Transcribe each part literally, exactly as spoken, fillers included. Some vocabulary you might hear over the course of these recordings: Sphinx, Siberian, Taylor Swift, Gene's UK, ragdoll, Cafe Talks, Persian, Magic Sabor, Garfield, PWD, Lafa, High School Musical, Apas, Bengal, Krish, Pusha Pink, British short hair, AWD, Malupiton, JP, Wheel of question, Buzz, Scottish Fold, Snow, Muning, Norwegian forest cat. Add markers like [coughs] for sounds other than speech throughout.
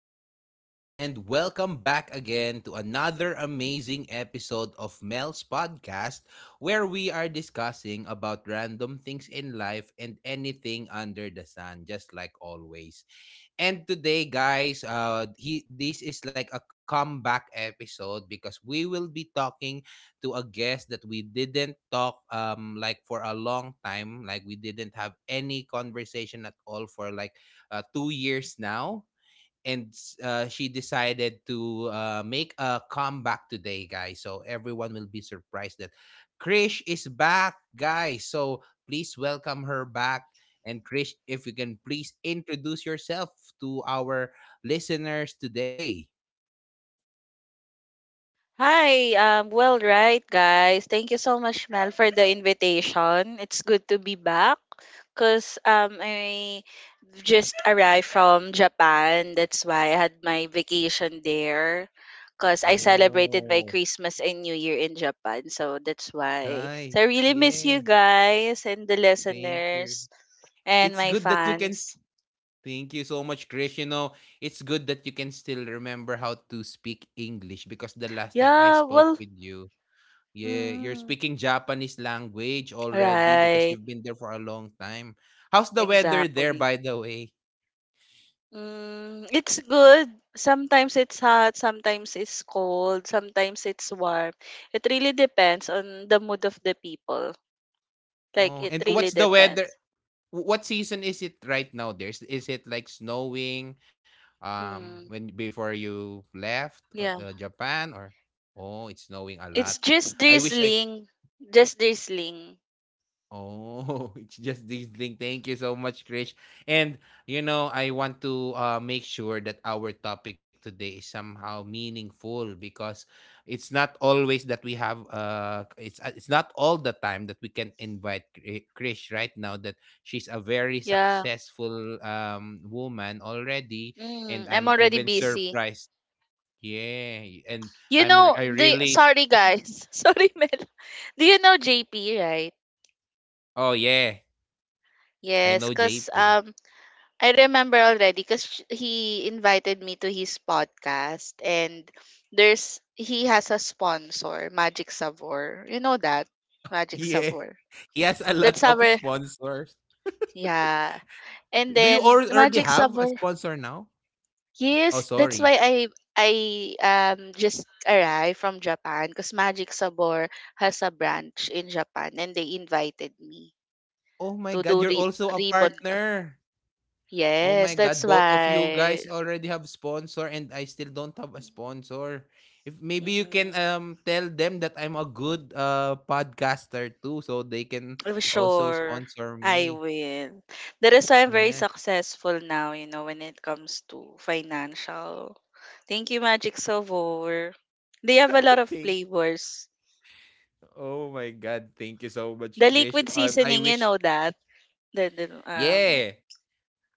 up, everyone, and welcome back again to another amazing episode of Mel's podcast where we are discussing about random things in life and anything under the sun, just like always. And today, guys, uh, he this is like a comeback episode because we will be talking to a guest that we didn't talk um like for a long time, like we didn't have any conversation at all for like uh, two years now and uh, she decided to uh, make a comeback today, guys. So everyone will be surprised that Krish is back, guys. So please welcome her back. And Krish, if you can please introduce yourself to our listeners today. Hi, um, well, right, guys. Thank you so much, Mel, for the invitation. It's good to be back because um, I just arrived from Japan. That's why I had my vacation there because I celebrated my Oh, Christmas and New Year in Japan. So that's why. nice. So I really miss Yeah. you guys and the Thank you. listeners and It's my good that you can. S- fans. Thank you so much, Krish. You know, it's good that you can still remember how to speak English because the last time I Yeah, spoke well, with you, yeah, you're mm, speaking Japanese language already because right, you've been there for a long time. How's the weather there, exactly. by the way? Mm, it's good. Sometimes it's hot, sometimes it's cold, sometimes it's warm. It really depends on the mood of the people. Like Oh, it and really what's the weather? depends. wh- What season is it right now? There's Is it like snowing, um, Mm, when before you left uh, yeah. the Japan or oh, it's snowing a lot. It's just I wish I drizzling. Just drizzling. Oh, [laughs] it's just this thing. Thank you so much, Krish. And you know, I want to uh, make sure that our topic today is somehow meaningful because it's not always that we have. Uh, it's uh, it's not all the time that we can invite Kri- Krish right now. That she's a very Yeah. successful um woman already, Mm, and I'm I'm already even busy. surprised. Yeah, and You I'm re- know, I the really. sorry guys. [laughs] Sorry, Mel. Do you know J P, right? Oh yeah, I Yes, know cause J P. um I remember already because he invited me to his podcast and there's he has a sponsor, Magic Savor. You know that? Magic Yeah. [laughs] Savor. He has a lot That's of our sponsors. yeah. And Do you then al- already Magic have a Sabor, sponsor now? Oh, yes, that's sorry. why I I um just arrived from Japan because Magic Sabor has a branch in Japan and they invited me Oh my to do God, you're re- also a ribbon. co- partner. Oh my Yes, that's God, both of you why. guys already have sponsor and I still don't have a sponsor. If maybe you can Mm-hmm. um tell them that I'm a good uh podcaster too so they can Oh, also sure. sponsor I me. will. That is why I'm very Yeah. successful now, you know, when it comes to financial. Thank you, Magic Savor. They have a lot [laughs] of Thank flavors. Oh my God, thank you so much, The Krish. liquid Um, I seasoning, you wish, know that. The, the, um, yeah,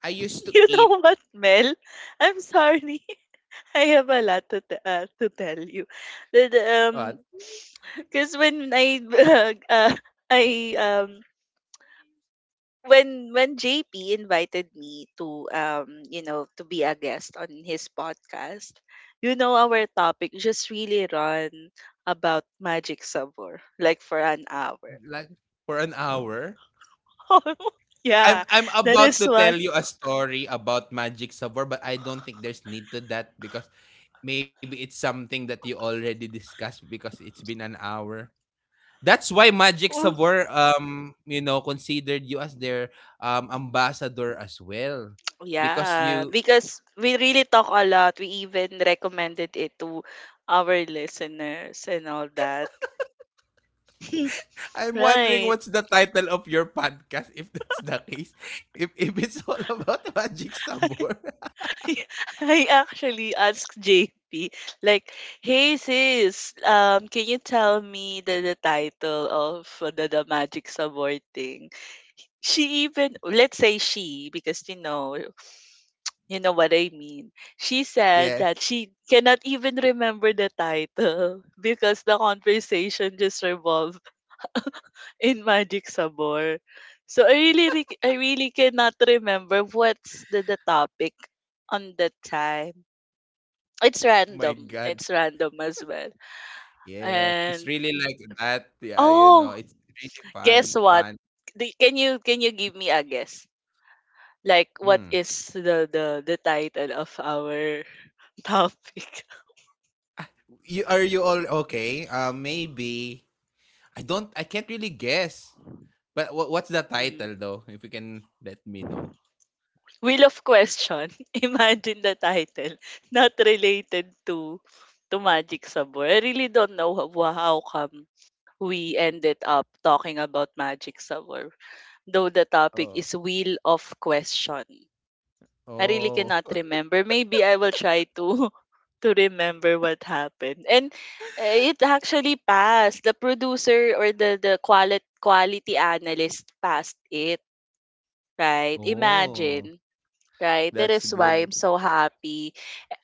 I used to [laughs] you eat. know what, Mel? I'm sorry. [laughs] I have a lot to, t- uh, to tell you. The, the, Uh, um, because when I [laughs] uh, I um when when J P invited me to um you know to be a guest on his podcast, you know our topic just really run about magic sabor like for an hour. Like for an hour? [laughs] I'm Yeah, I'm that about is to why. tell you a [sniffs] story about Magic Sabor, but I don't think there's need to that because maybe it's something that you already discussed because it's been an hour. That's why Magic Oh, Sabor um you know considered you as their um ambassador as well. Because yeah, you because we really talk a lot. We even recommended it to our listeners and all that. [laughs] I'm wondering Right. what's the title of your podcast if that's the case. If if it's all about [laughs] Magic Sabor. [laughs] I actually asked J P, like, hey sis, um, can you tell me the, the title of uh, the, the magic subword thing? She even, let's say she, because you know, [sniffs] you know what I mean. She [laughs] said yeah. that she cannot even remember the title [laughs] because the conversation just revolved [laughs] in Magic Sabor. So I really, re- I really cannot remember what's the, the topic on that time. It's Oh my god. random. It's random as well. Yeah, it's And really like that, yeah, you know, oh, it's really guess fun what? fun, The- Can you can you give me a guess? Like what mm. is the the the title of our [laughs] topic? You are you all okay? Uh, maybe I don't I can't really guess, but what what's the Hmm. title though, if you can let me know? Wheel of question. [laughs] Imagine the title not related to to magic sabor. I really don't know how, how come we ended up talking about magic sabor. Though the topic is Oh, wheel of question. I really oh, cannot remember. Maybe I will try to [laughs] to remember what happened. And eh, it actually passed. The producer or the the quality quality analyst passed it, right? [laughs] oh, Imagine, right? That that's is why I'm good. so happy.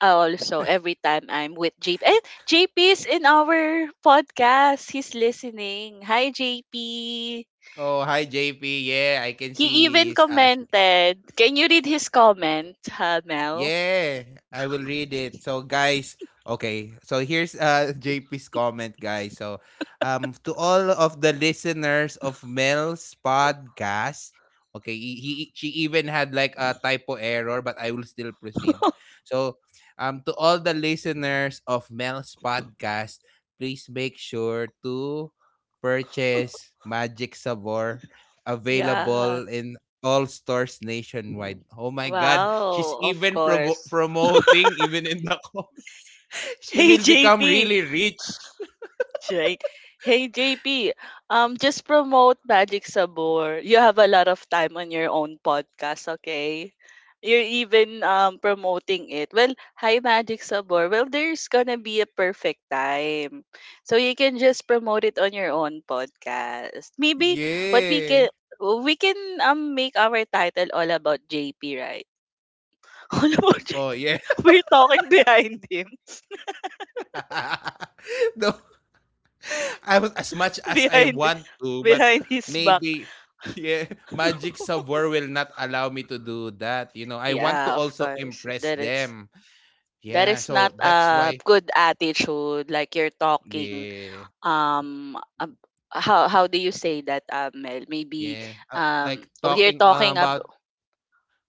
Also, every time I'm with J P. And J P is in our podcast. He's listening. Hi J P. Oh, hi J P, yeah, I He can even see he's, uh, she commented. Can you read his comment, uh, Mel? yeah, I will read it. So guys, okay. So here's uh [laughs] J P's comment, guys. So um to all of the listeners of Mel's podcast, okay, he, he she even had like a typo error, but I will still proceed. [laughs] So um to all the listeners of Mel's podcast, please make sure to purchase Magic Sabor Yeah. available in all stores nationwide. Oh my God. She's Wow, of even provo- course. [laughs] promoting, even in the comment. [laughs] She Hey will become J P, really rich. right? Hey J P, um, just promote Magic Sabor. You have a lot of time on your own podcast, okay? You're even um promoting it. Well, hi Magic Sabor. Well, there's gonna be a perfect time, so you can just promote it on your own podcast. Maybe what we can Yeah. we can um make our title all about J P, right? [laughs] All about J P. Oh, yeah. We're talking behind him. [laughs] no, I was as much [laughs] as I behind want to, but behind his back. maybe, yeah, Magic [laughs] Savoir will not allow me to do that. You know, I want to Yeah, of also course. impress That is them. that Yeah. is not So that's a why, good attitude. Like you're talking. yeah. Um, ab- how how do you say that, uh, Mel? Maybe Yeah. Uh, um, like you're talking uh, talking ab- about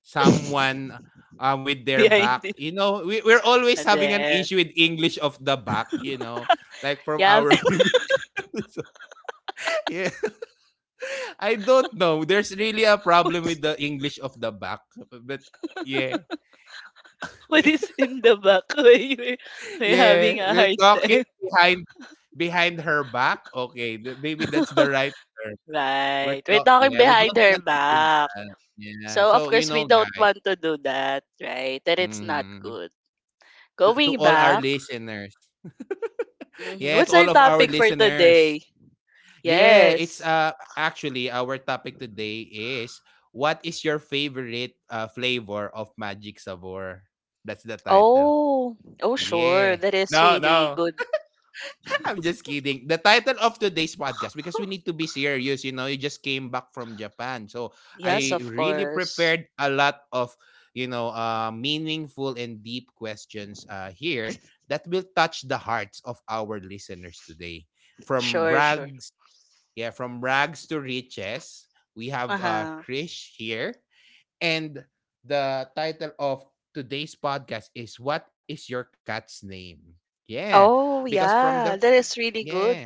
someone uh, with [laughs] their behind back. it. You know, we, we're always having an There. issue with English of the back, you know, like from Yeah, our [laughs] [laughs] previous episode. [laughs] yeah. I don't know. There's really a problem What with the English of the back. But yeah. What We- is in the back? [laughs] Why you [laughs] are yeah. having a We're hard talking time? behind behind her back. Okay. th- Maybe that's the [laughs] right term. Right. We're We're talking. talking Yeah. We behind don't her want to do back. that. Yeah. So, of So, you course, we know, don't guys. want to do that, right? That it's not Mhm, good. To, to Going all our back, listeners, mhm, yeah, to what's all our of our topic for listeners. today? Yeah, it's Yes. uh actually our topic today is what is your favorite uh, flavor of Magic Sabor? That's the title. Oh, oh, sure. Yeah. That is No, really no. good. [laughs] I'm just kidding. The title of today's podcast, because we need to be serious, you know, you just came back from Japan. So Yes, I of really course. prepared a lot of, you know, uh, meaningful and deep questions uh, here that will touch the hearts of our listeners today. From Sure, sure. rags, yeah, from rags to riches, we Uh have uh, huh. Krish here. And the title of today's podcast is what is your cat's name? Yeah, Oh, because from the yeah. That is really yeah. good.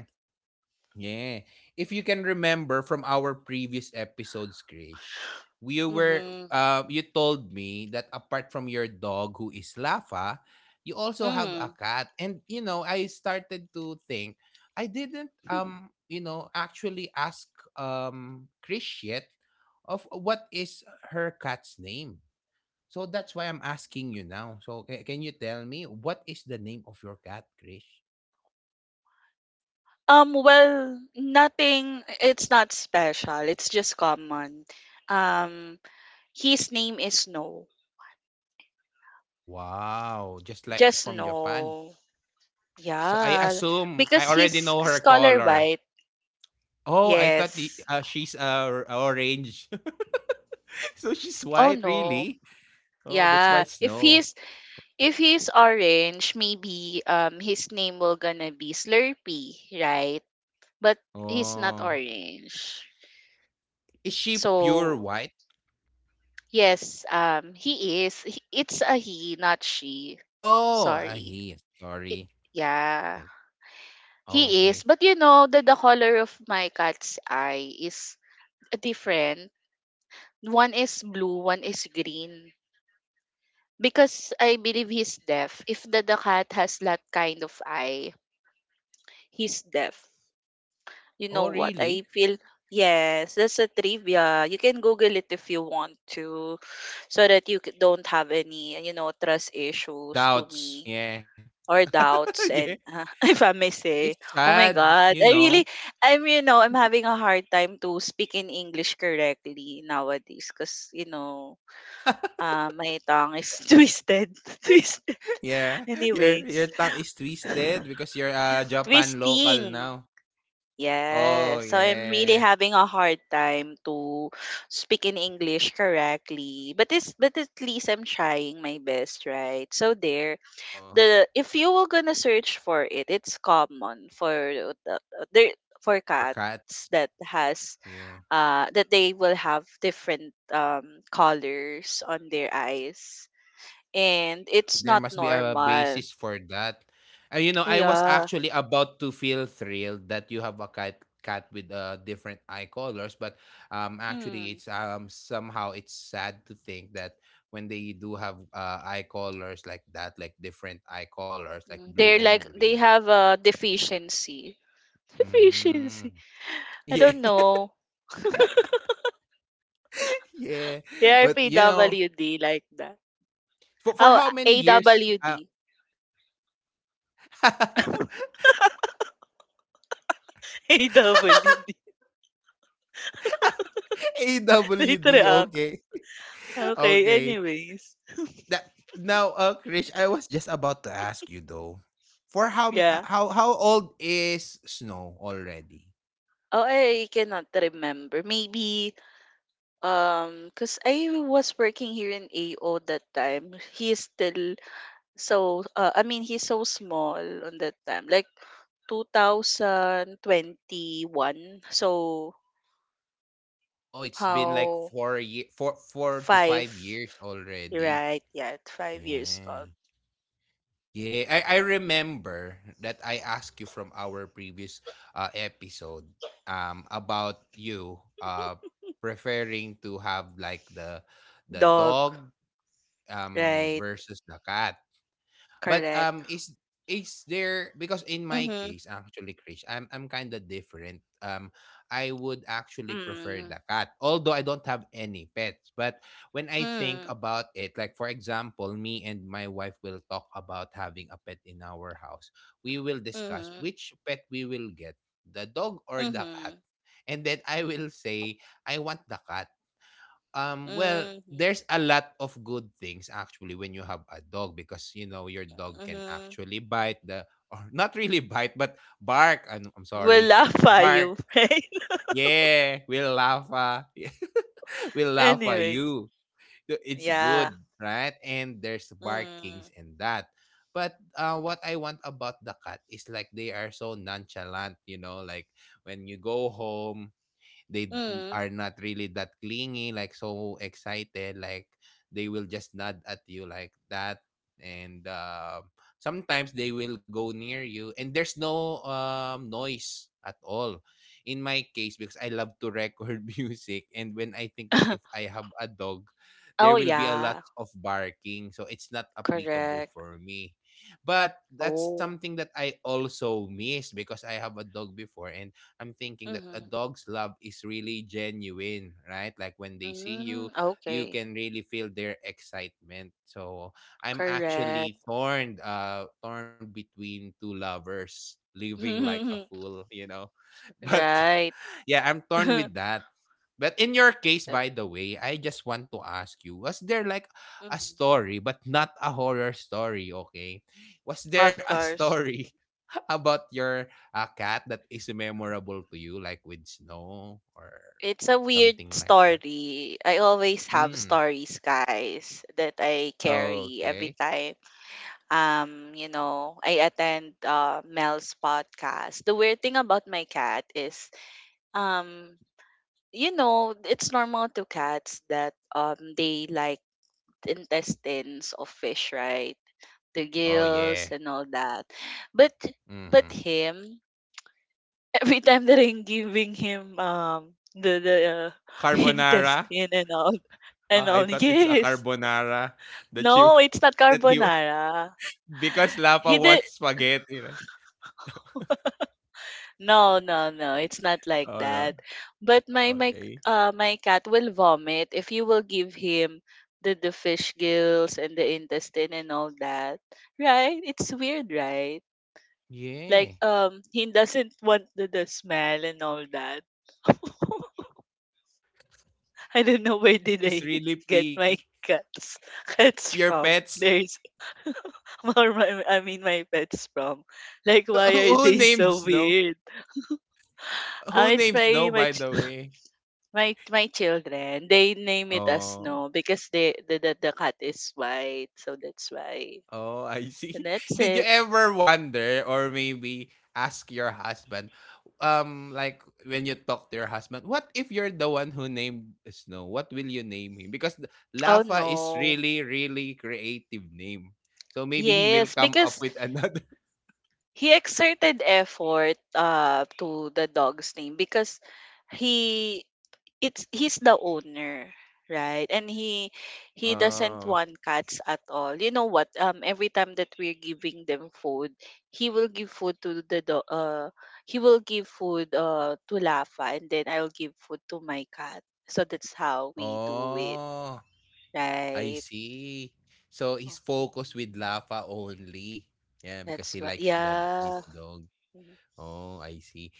Yeah. If you can remember from our previous episodes, Krish, we were Mm-hmm. uh, you told me that apart from your dog who is Lafa, you also have a Mm. cat. And you know, I started to think I didn't [laughs] um, you know, actually ask um Krish yet of what is her cat's name. So that's why I'm asking you now. So ca- can you tell me what is the name of your cat, Krish? Um, well, nothing. It's not special. It's just common. Um, his name is No. Wow, just like Just from Japan. No. So I Yeah, assume I because he's already know her scholar color. white. Oh, I thought the, Yes. uh, she's uh, r- orange. [laughs] so she's Oh white, no. really? Oh, that's why Yeah. If snow. he's if he's orange, maybe um his name will gonna be Slurpee, right? But he's not Oh, orange. is she pure So white? yes, um he is. He, it's a he, not she. Oh, ah, Sorry. he. Sorry. It, O- yeah. He Okay. is. But you know that the color of my cat's eye is different. One is blue, one is green. Because I believe he's deaf. If the, the cat has that kind of eye, he's deaf. You Oh, know what? really? I feel yes, that's a trivia. You can Google it if you want to, so that you c- don't have any you know trust issues to Doubts. me Yeah. or [laughs] doubts. yeah. And [laughs] if I may It's say, oh my sad, you God, I know. really, I'm you know, I'm having a hard time to speak in English correctly nowadays because you know. Uh, my tongue is [laughs] twisted. [laughs] Twisted. [laughs] Yeah. Your your Anyways, tongue is twisted because you're a Japan local twisting. now. Oh, Yes. So I'm really yeah. having a hard time to speak in English correctly. But this but at least I'm trying my best, right? So there Oh, the if you were gonna search for it, it's common for the there for for cats. cats that has Yeah. uh that they will have different um colors on their eyes. And Yeah, it's there not must be a normal. basis for that. Uh, you know, I was Yeah. actually about to feel thrilled that you have a cat cat with uh, different eye colors, but um, actually, Mm. it's um somehow it's sad to think that when they do have uh, eye colors like that, like different eye colors, like Mm, blue they're and like they green. have a deficiency. [laughs] Mm. Deficiency. I Yeah, don't know. [laughs] [laughs] yeah. They are But you know, P W D like that. for for Oh, how many years? Uh, [laughs] A W D. A W D. Late A W D. [laughs] Okay, [laughs] [laughs] Okay, okay. anyways. that now, uh, Krish, I was just about to ask you though, for how ma- uh, Yeah. how how old is Snow already? Oh, I cannot remember. Maybe um cuz I was working here in A O that time. He is still so uh, I mean he's so small on that time. Like two thousand twenty-one. So Oh, it's been like how four year, four four to five, five years already. right? Yeah, five years old. Yeah, yeah. I I remember that I asked you from our previous uh episode um about you uh preferring to have like the the Dog, dog um right? versus the cat. But Correct. um, is is there because in my Mm-hmm. case actually, Krish, I'm I'm kind of different. Um, I would actually prefer Mm-hmm. the cat, although I don't have any pets. But when I think Mm-hmm. about it, like for example, me and my wife will talk about having a pet in our house. We will discuss Mm-hmm. which pet we will get, the dog or the cat. And then I will say, I want the cat um, well, Mm-hmm. there's a lot of good things actually when you have a dog because you know your dog can Mm-hmm. actually bite the or not really [laughs] bite but bark. I'm, I'm Will sorry, laugh at bark. you, [laughs] right? Yeah, we'll laugh. Uh, [laughs] we'll laugh at Anyways, you. So it's yeah. good, right? And there's Mm. barkings and that. But uh, what I want about the cat is like they are so nonchalant, you know, like when you go home, they Mm. are not really that clingy, like so excited, like they will just nod at you like that, and uh, sometimes they will go near you, and there's no um, noise at all. In my case, because I love to record [laughs] music, and when I think that if [coughs] I have a dog, there oh will be a lot yeah, of barking, so it's not applicable correct. for me but that's Oh. something that I also miss because I have a dog before and I'm thinking that a Mm-hmm. dog's love is really genuine, right? Like when they see you, Mm. you Okay, can really feel their excitement. So I'm actually correct. torn, uh, torn between two lovers living like a [laughs] fool, you know. [laughs] But Right. yeah, I'm torn [laughs] with that. But in your case, So, by the way, I just want to ask you, was there like a mhm. story, but not a horror story, okay? Was there Of a course. story [laughs] about your uh, cat that is memorable to you, like with snow or It's a weird something like that? story. I always have Mm. stories, guys, that I carry every Okay. time. Um, you know, I attend uh, Mel's podcast. The weird thing about my cat is, um, you know, it's normal to cats that um they like the intestines of fish, right? The Oh, yeah. gills and all that. But Mm-hmm. but him, every time that I'm giving him um the the uh, [laughs] Carbonara? intestine and all Uh, and I all. [laughs] thought it's a Yes. carbonara that you No, it's not [laughs] that he carbonara. [laughs] because Lapa He did wants spaghetti. Right? no no no. It's not like Oh no. that. But my my Okay. uh my cat will vomit if you will give him the the fish gills and the intestine and all that. Right? It's weird, right? Like Yeah. um he doesn't want the, the smell and all that. [laughs] [laughs] I don't know where did He's I really [laughs] get my picky. cats [laughs] cats Your from. pets? There's [laughs] or my, I mean my pets from. Like why [laughs] are Who who they so names no? weird? Um, Who it's names my no, my by ch- the way? my my children. They name it as Oh. no because they the, the the cat is white, so that's why. Oh, I And see. [laughs] that's Did you it. ever wonder or maybe ask your husband, um, like when you talk to your husband, what if you're the one who named Snow? What will you name him? Because the- Oh Lafa is no. really, really creative name. So maybe he will Yes, come up because with another. [laughs] he exerted effort uh to the dog's name because he it's he's the owner, right, and he he doesn't Oh. want cats at all. You know what, um every time that we're giving them food, he will give food to the do- uh he will give food uh to Lafa and then I'll give food to my cat, so that's how we do it, Oh. I right? see. So he's Mhm. focused with Lafa only. Yeah, because That's he what, likes that his yeah. dog. Mhm. Oh, I see.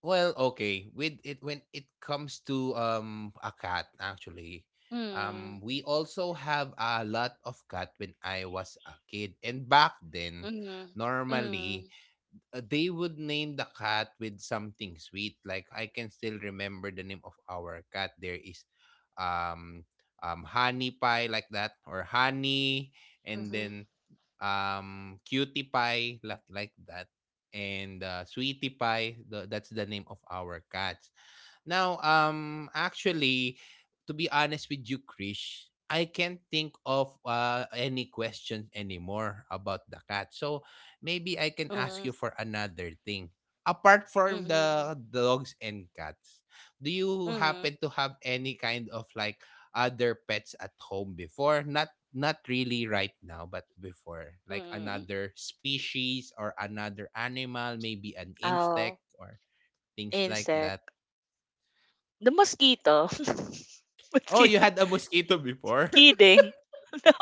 Well, okay. With it when it comes to um a cat actually. Um Mm, We also have a lot of cat when I was a kid. And back then, mhm, normally mm, uh, they would name the cat with something sweet. Like I can still remember the name of our cat. There is um um honey pie like that or honey, and mhm, then um cutie pie like like that and uh, sweetie pie, the, that's the name of our cat now. Um, actually, to be honest with you, Krish, I can't think of uh, any questions anymore about the cat. So maybe I can ask mhm, you for another thing. Apart from mhm, the dogs and cats, do you mhm, happen to have any kind of like other pets at home before? Not not really right now, but before, like mhm. another species or another animal, maybe an insect Oh, or things like insect. that. The mosquito. [laughs] Oh, you Mosquito. had a mosquito before? [laughs] Kidding. [laughs] No.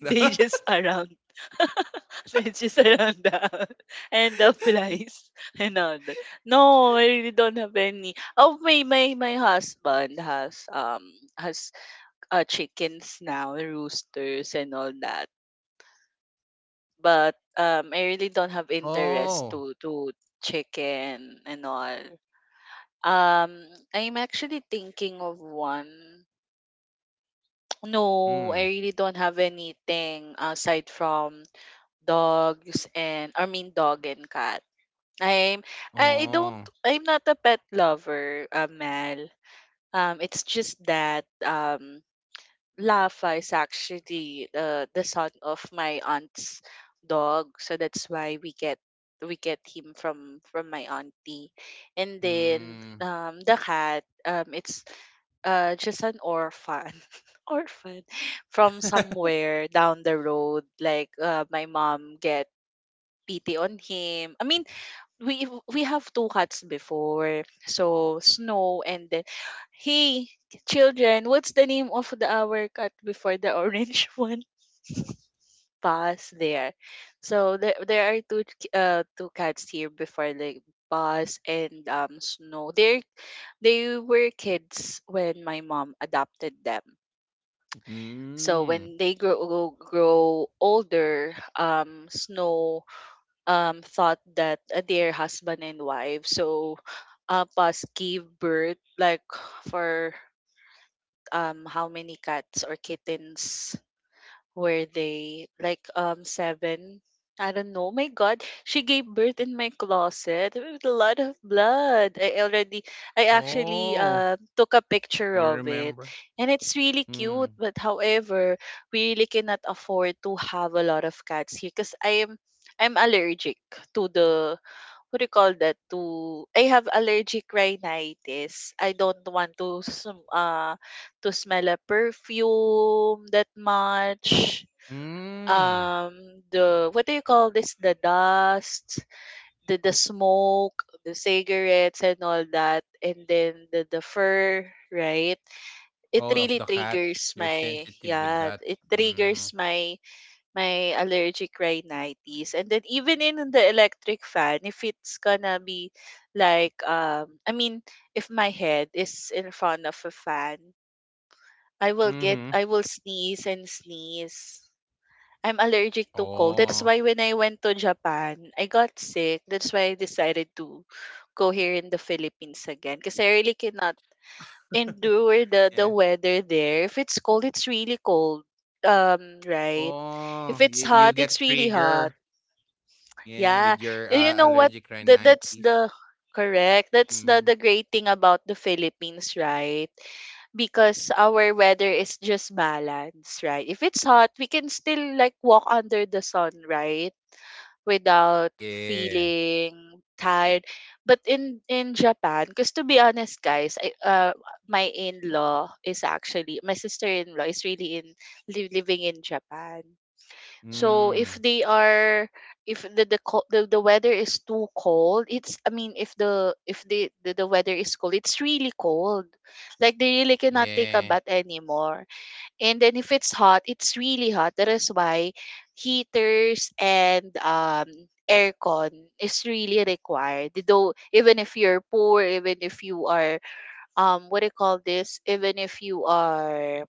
No? They just around. [laughs] They just around the [laughs] house. And the flies [laughs] and all that. No, I really don't have any. Oh, my my my husband has um has uh, chickens now, roosters and all that. But um I really don't have Oh. interest to to chicken and all. Um I'm actually thinking of one. No, I Mm. really don't have anything aside from dogs and I mean dog and cat. I'm I don't Oh. I'm not a pet lover, uh, Mel. Um, it's just that um Lafa is actually the the son of my aunt's dog, so that's why we get we get him from from my auntie. And then Mm. um the cat, um it's uh just an orphan [laughs] orphan from [laughs] somewhere down the road, like uh, my mom get pity on him. I mean, we we have two cats before, so Snow and then, hey children, what's the name of the our cat before, the orange [laughs] one? Buzz, there. So there, there are two k- uh two cats here before, like Buzz and um Snow. they they were kids when my mom adopted them. So when Mm. they grow grow older, um Snow, um, thought that uh, they're husband and wife. So Apas gave birth like for um how many cats or kittens were they? Like um seven. I don't know. My God, she gave birth in my closet with a lot of blood. I already, I actually Oh, uh, took a picture you of it, remember? and it's really cute. Mm. But however, we really cannot afford to have a lot of cats here because I am, I'm allergic to the what do you call that to I have allergic rhinitis. I don't want to sm- uh to smell a perfume that much. Mm. Um the what do you call this? The dust, the the smoke, the cigarettes and all that and then the, the fur, right? It Oh, really of the cat. triggers You're my sensitive with yeah, that. it triggers Mm. my my allergic rhinitis. And then even in the electric fan, if it's gonna be like um I mean if my head is in front of a fan, I will get I Mhm. will sneeze and sneeze. I'm allergic to cold. That's Oh. why when I went to Japan, I got sick. That's why I decided to go here in the Philippines again. Because I really cannot [laughs] endure the, the Yeah. weather there. If it's cold, it's really cold. Um, right? If Oh, it's you hot, you it's get really hot. trigger. Yeah, Yeah. with your, Y- You know uh, what? allergic That that's the rhinitis. correct. That's the the Mhm. great thing about the Philippines, right? Because our weather is just balanced, right? If it's hot, we can still like walk under the sun, right? Without Yeah. feeling tired. But in in Japan, because to be honest, guys, I, uh, my in-law is actually my sister-in-law is really in li- living in Japan. So if Mm. they are if the the, co- the the weather is too cold, it's I mean if the if the, the the weather is cold, it's really cold. Like they really cannot take a bath Yeah. anymore. And then if it's hot, it's really hot. That is why heaters and um aircon is really required. Though even if you're poor, even if you are um what do you call this? Even if you are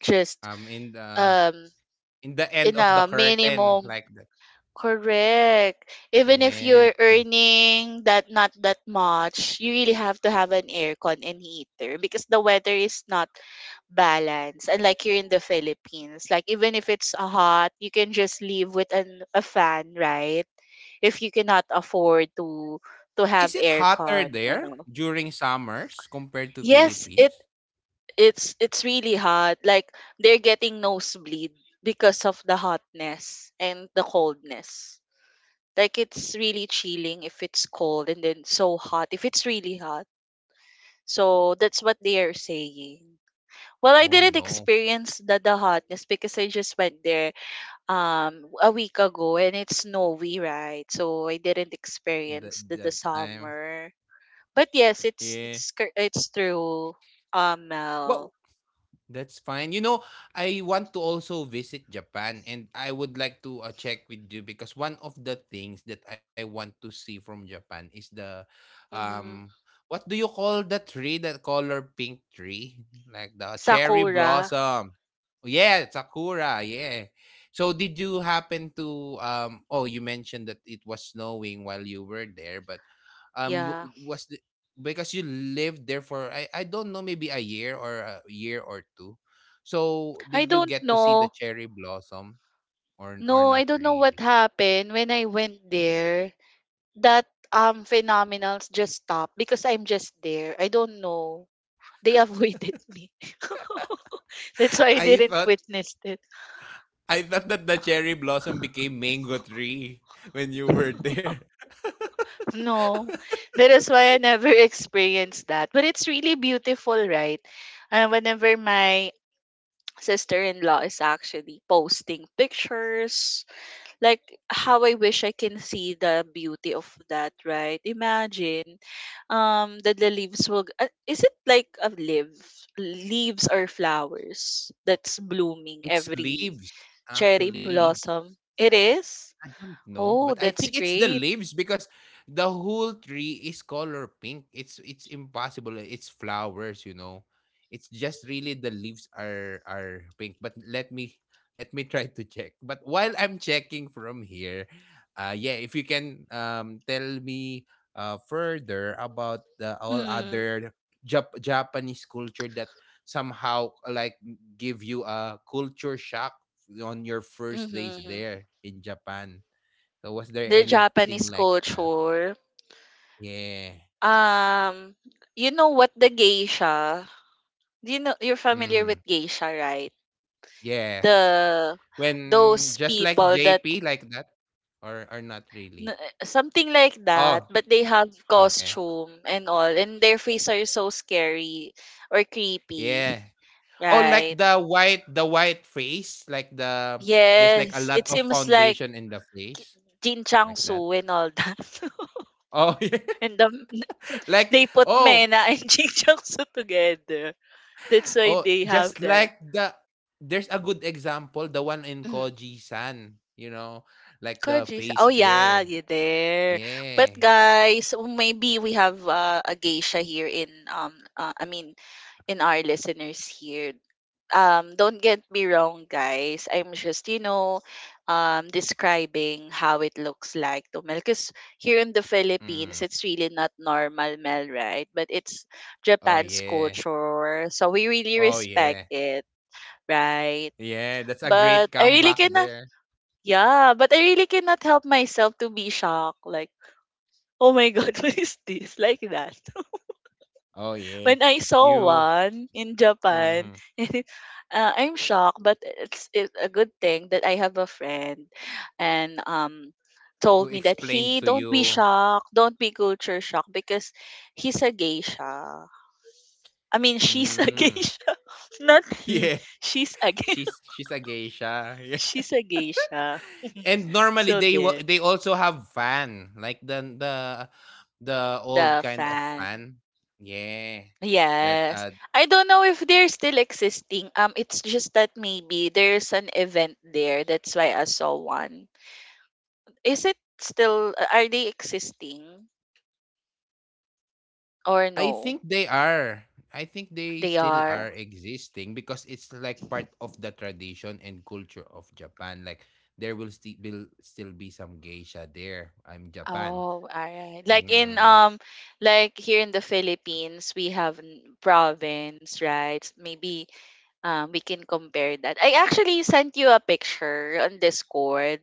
just Um, in the. um In the in end a of the curtain, minimum. like that. Correct. Even if you're Yeah. earning that not that much, you really have to have an aircon and heater because the weather is not balanced. And like here in the Philippines, like even if it's uh, hot, you can just live with an a fan, right? If you cannot afford to to Is have it hotter aircon and there all. during summers compared to Yes, it Philippines? it's it's really hot. Like they're getting nosebleed because of the hotness and the coldness. Like it's really chilling if it's cold and then so hot if it's really hot. So that's what they are saying. Well, I Oh, didn't no. experience the, the hotness because I just went there um a week ago and it's snowy, right? So I didn't That experience the, that the time. summer. But yes, it's Yeah. it's cor- it's true. Um, What, Mel. that's fine. You know, I want to also visit Japan and I would like to uh, check with you because one of the things that I want to see from Japan is the Hmm. um what do you call the tree that color pink tree? Like the cherry Sakura. blossom. Yeah, sakura, yeah. So did you happen to um oh you mentioned that it was snowing while you were there, but um w- Yeah. w- was because you lived there for I, I don't know, maybe a year or a year or two. So I did you don't get to see the know. cherry blossom or or No, I not don't know what really? happened when I went there. That um phenomenals just stop because I'm just there. I don't know. They avoided [laughs] me. [laughs] That's why [laughs] I I didn't thought witness it. I thought that the cherry blossom became mango tree when you were [laughs] there. [laughs] No, that is why I never experienced that. But it's really beautiful, right? Uh, whenever my sister-in-law is actually posting pictures like how I wish I can see the beauty of that, right? Imagine um that the leaves will g- uh, is it like a leaves leaves or flowers that's blooming It's every leaves cherry actually. blossom? It is? I don't know, Oh, but I that's think it's the great. leaves because the whole tree is color pink. It's it's impossible. It's flowers, you know. It's just really the leaves are are pink. But let me let me [laughs] try to check. But while I'm checking from here, uh yeah, if you can um tell me uh further about the all Mm, other Jap- Japanese culture that somehow like give you a culture shock on your first days mm-hmm. there in Japan. So was there The anything Japanese like that? culture. Yeah. Um, you know what the geisha? Do You know you're familiar Hmm. with geisha, right? Yeah. The When those just like people that J P like that, or or not N really? eh, something like that, Oh, but they have okay. costume and all, and their face are so scary or creepy, Yeah. Oh, like right? the white the white face, like the there's like a Yes, it lot of seems like foundation in the Ki- face Jin like that. Chang-soo and all that. Oh, [laughs] yeah. [laughs] And the, Like, they put oh. Mena and [laughs] Jin Chang-soo together. That's why Oh, they have just that. like the there's a good example, the one in Mhm. Koji-san, you know, like the Kojis. Oh face yeah, there. you there. But Yeah. guys, maybe we have uh, a geisha here in um uh, I mean in our listeners here. Um, don't get me wrong, guys. I'm just, you know, um, describing how it looks like to Mel. Because here in the Mm. Philippines, it's really not normal Mel, right? But it's Oh Japan's yeah. culture. So we really Oh yeah. respect it, right? Yeah, that's a great But I really comeback cannot, there. yeah, but I really cannot help myself to be shocked. Like, oh my God, [laughs] what is this? Like that. Oh yeah. When I saw You one in Japan, mm, [laughs] and uh, I'm shocked, but it's, it's a good thing that I have a friend and um who told me that explained he to don't be you. shocked, don't be culture shocked because he's a geisha. I mean, she's a [laughs] Mm. [laughs] geisha, not he. Yeah. She's a ge- She's she's a geisha. [laughs] [laughs] Yeah. she's a geisha. [laughs] And normally So they wa- there, they also have fan, like the the the old the kind of fan. fan. Yeah. That Yes. uh, I don't know if they're still existing. Um, it's just that maybe there's an event there. That's why I saw one. Is it still, uh, are they existing or I no? think they are. I think they They still are. are existing because it's like part of the tradition and culture of Japan. Like there will still will still be some geisha there. I'm Japan. Oh, alright. Like in Mm. [laughs] um like here in the Philippines, we have n- province, right? Maybe um we can compare that. I actually sent you a picture on Discord.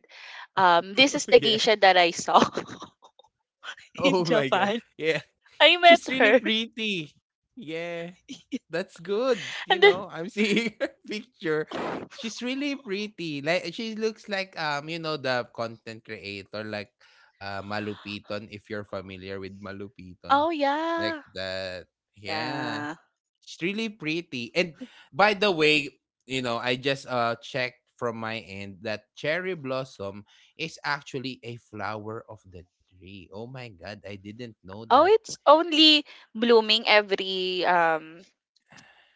Um, Yeah. this is the geisha that I saw Oh [laughs] my in god. Japan. Yeah. She's I really met her. pretty. Yeah. [laughs] That's good. You And know, then, I'm seeing [laughs] her picture. She's really pretty. Like she looks like um, you know, the content creator like uh Malupiton, if you're familiar with Malupiton. oh Like yeah. that. Yeah. Yeah. She's really pretty. And by the way, you know, I just uh checked from my end that cherry blossom is actually a flower of the tree. Oh my god, I didn't know that. Oh, it's only blooming every um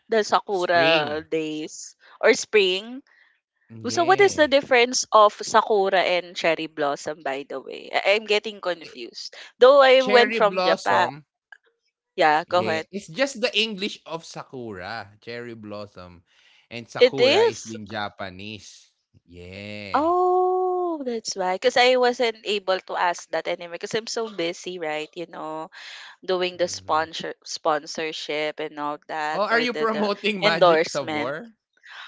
the sakura Spring. days or spring. So what is the Yeah. difference of sakura and cherry blossom by the way? I- I'm getting confused. Though I went Cherry from Japan. blossom, Yeah, go yeah, ahead. it's just the English of sakura, cherry blossom, and It sakura is is? in Japanese. Yeah, Oh, that's why. Because I wasn't able to ask that anyway because I'm so busy, right? You know, doing the mhm. sponsor sponsorship and all Oh, that are or you the the promoting [laughs] Magic endorsement. Sabor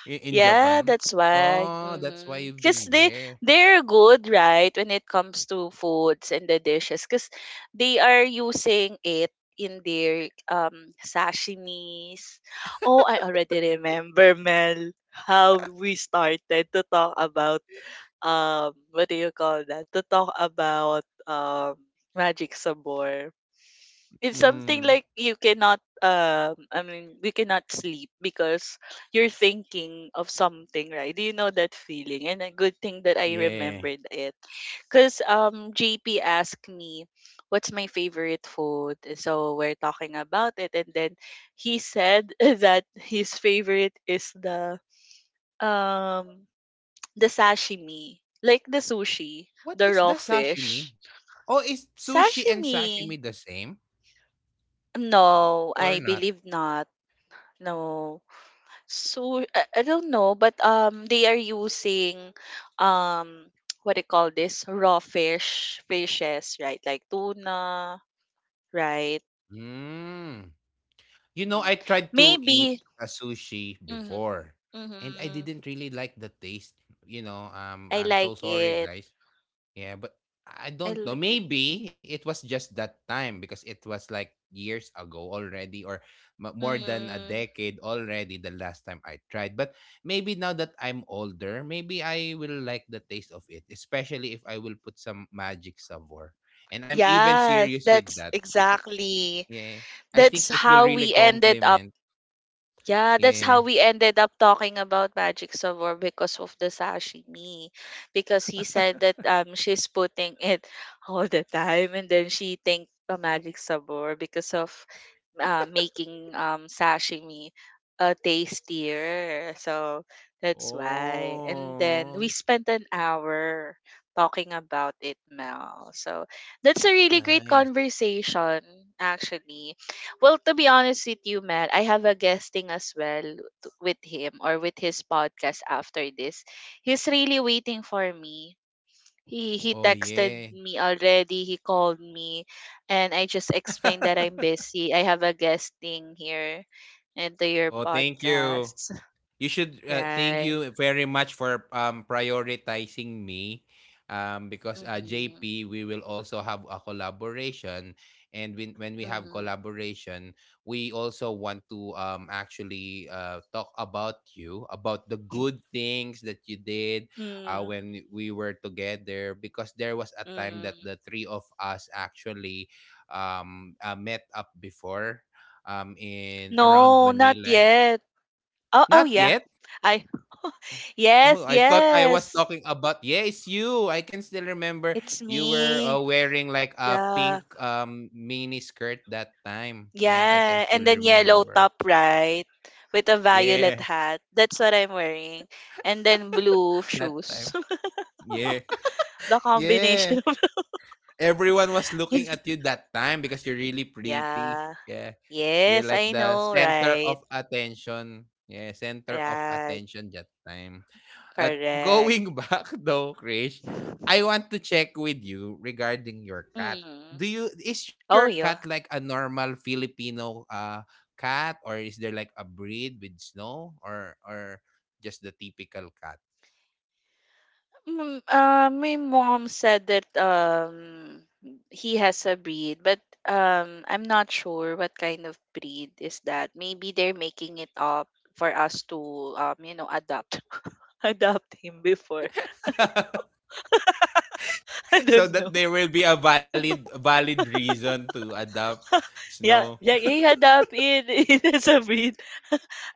I in Yeah, Japan? that's why. Oh, that's why Mm-hmm. you've Because been they there. they're good, right, when it comes to foods and the dishes, because they are using it in their um sashimis. Oh, I already remember, Mel, how we started to talk about um what do you call that? To talk about um magic sabor, it's Mm, something like you cannot um I mean we cannot sleep because you're thinking of something, right? Do you know that feeling? And a good thing that I yeah. remembered it. Cause um J P asked me what's my favorite food. So we're talking about it and then he said [laughs] that his favorite is the um the sashimi. Like the sushi, What the is raw the sashimi? fish. Oh, is sushi and Sashimi. sashimi the same No, or I not? believe not. No. So I, I don't know, but um they are using um [tsk] what do you call this? Raw fish fishes, right? Like tuna, right? Hmm. You know, Mhm. I tried to eat Maybe. a sushi Hmm. before and I Hmm. didn't really like the taste. You know, um, I I'm like so sorry, it. guys. Yeah, but I I don't know. like it. Maybe it was just that time because it was like years ago already or m- more than a Mm. decade already the last time I tried. But maybe now that I'm older, maybe I will like the taste of it, especially if I will put some magic savor. And I'm even Yes, serious with that's that because, exactly. yeah. I That's think it will how really we ended up. complement. Yeah, that's Yeah. how we ended up talking about Magic Sabor because of the sashimi. Because he said that um she's putting it [laughs] all the time and then she thanked the Magic Sabor because of uh, making um, sashimi uh, tastier. So that's why. And then Oh, we spent an hour talking about it, Mel. So that's a really great nice. conversation, actually. Well, to be honest with you, Mel, I have a guesting as well t- with him or with his podcast after this. He's really waiting for me, he he Oh, texted yeah. me already, he called me, and I just explained that I'm busy. I have a guest thing here into your Oh, thank you. podcast. [laughs] You should uh, thank Right. you very much for um, prioritizing me um, because uh, Mm-hmm. J P, we will also have a collaboration. And when, when we have Mm-hmm. collaboration, we also want to um, actually uh, talk about you, about the good things that you did uh, Mm, when we were together, because there was a time that mm. the three of us actually um, uh, met up before um, in around No, not Manila. yet. Oh, oh Not yeah. yet. I Oh, yes, oh, I thought I was yes. talking about yes, you. I can still remember It's you were uh, me. wearing like a Yeah. pink um mini skirt that time. Yeah, I can Yeah. still And then yellow remember. top, right? With a Yeah, violet hat. That's what I'm wearing. And then blue [laughs] that shoes. time. [laughs] Yeah, The yeah, combination of everyone was looking [laughs] at you that time because you're really pretty. yeah. Yeah. You're Yes, like I the know, center right? of attention. Yeah, center of Right. attention that time. At Correct. going [laughs] back though, Krish, I want to check with you regarding your cat. Mm. Do you Is your Oh, cat yeah. like a normal Filipino uh cat, or is there like a breed with snow, or or just the typical cat? Mm, uh, my mom said that um he has a breed, but um I'm not sure what kind of breed is that. Maybe they're making it up for us to um you know adopt [laughs] adopt him before. [laughs] [laughs] I So don't know. that there will be a valid valid reason to adopt snow. Yeah, yeah, he adopt it. [laughs] It is a breed.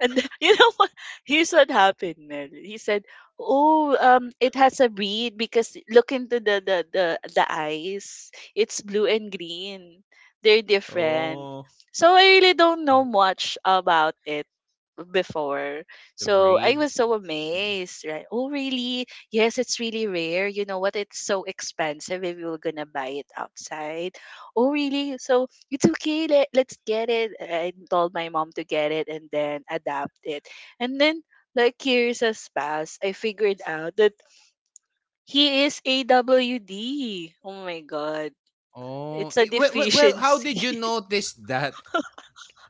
And [laughs] you know what? Here's what happened, Mel. He said, "Oh, um, it has a bead because look into the the the the eyes. It's blue and green. They're different." Oh, So I really don't know much about it before. the So I was breed. so Mm. amazed, right? Oh, really? Yes, it's really rare. You know what? It's so expensive if you were gonna buy it outside. Oh, really? So it's okay, let, let's get it. I told my mom to get it and then adapt it and then like years has passed. I figured out that he is AWD. Oh my God. Oh It's a it, well, well well, how did deficiency. you notice that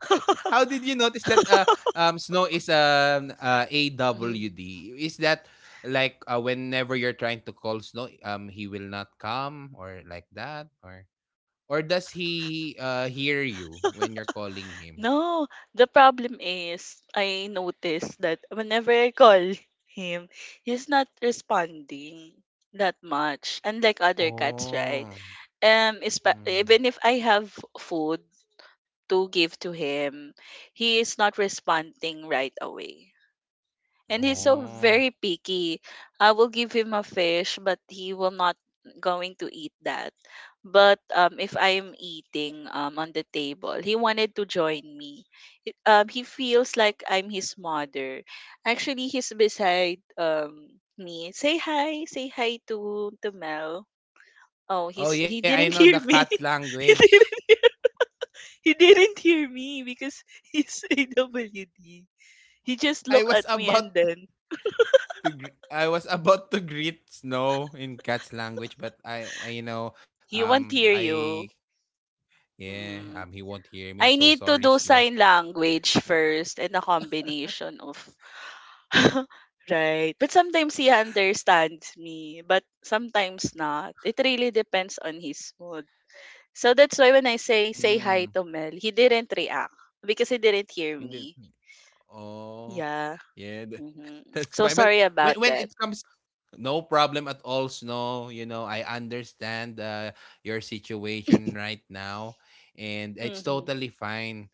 [laughs] How did you notice that uh, um, snow is um, uh, Mm. A W D? Is that like uh, whenever you're trying to call snow, um, he will not come or like that, or or does he uh, hear you when you're calling him? No, the problem is I noticed that whenever I call him, he's not responding that much unlike other cats, right? Oh, um Is mm, even if I have food to give to him, he is not responding right away. And he's so very oh, picky. I will give him a fish, but he will not going to eat that. But um, if I am eating um, on the table, he wanted to join me. It- um, he feels like I'm his mother. Actually, he's beside um, me. Say hi, say hi to to Mel. Oh, oh he's he yeah, I didn't know [laughs] the hear me. cat [laughs] He didn't language. he didn't hear me because he's [laughs] A W D. He just I looked was at me, about and then to gr- I was about to greet snow in cat's language, but I, I you know he won't um hear I you. yeah, um, Mm. he won't hear me. I'm I so need to sorry, do Snow. sign language first and a combination of [laughs] right. But sometimes he understands me, but sometimes not. It really depends on his mood. So that's why when I say say Mm, hi to Mel, he didn't react because he didn't hear hindi. me. Oh, Yeah. yeah, tha- [laughs] Hmm. that's So fine. But sorry when about when it that. comes, no problem at all, Snow. You know, I understand uh, your situation right now, and it's Mm-hmm. totally fine.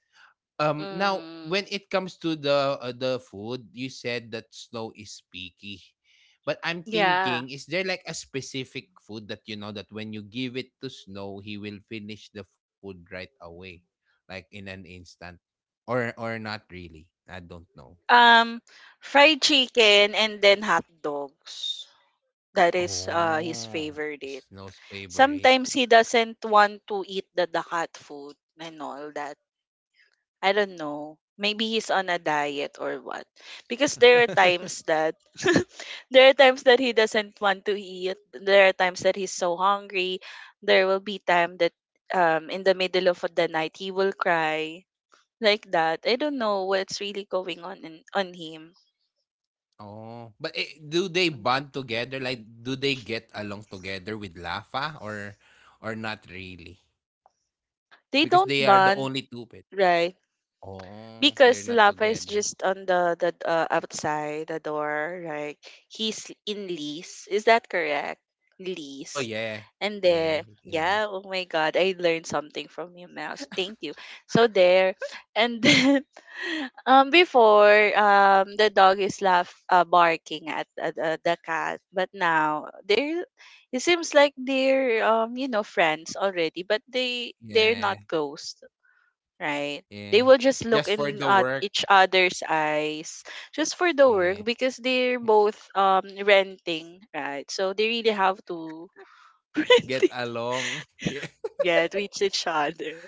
Um, now, Mm-hmm. when it comes to the uh, the food, you said that snow is picky, but I'm Yeah. thinking, is there like a specific food that you know that when you give it to snow, he will finish the food right away, like in an instant, or or not really? I don't know. Um, Fried chicken and then hot dogs. That is uh, his Oh, favorite. snow's favorite. Sometimes he doesn't want to eat the, the hot food and all that. I don't know. Maybe he's on a diet or what. Because there are times [laughs] that [laughs] there are times that he doesn't want to eat. There are times that he's so hungry. There will be time that um in the middle of the night he will cry like that. I don't know what's really going on in, on him. Oh, but eh, do they Mhm. bond together? Like, do they get along together with Lafa, or or not really? They Because don't they are the bond, only two pets. right? Oh, Because they're not Lafa is together. just on the the uh, outside the door, right? He's in lease. Is that correct? Oh, Lease. yeah. And then, Yeah, yeah, indeed. oh my God, I learned something from you, Mouse. Thank you. So there, and then, [laughs] um, before, um, the dog is laugh, uh, barking at, at uh, the the cat, but now they're, it seems like they're, um, you know, friends already, but they Yeah, they're not close, right? They yeah. will just look Just for in the uh, work. each other's eyes just for the work Yeah. because they're both um renting, right? So they really have to [laughs] Get renting, along. [laughs] Yeah. yeah, to each each other.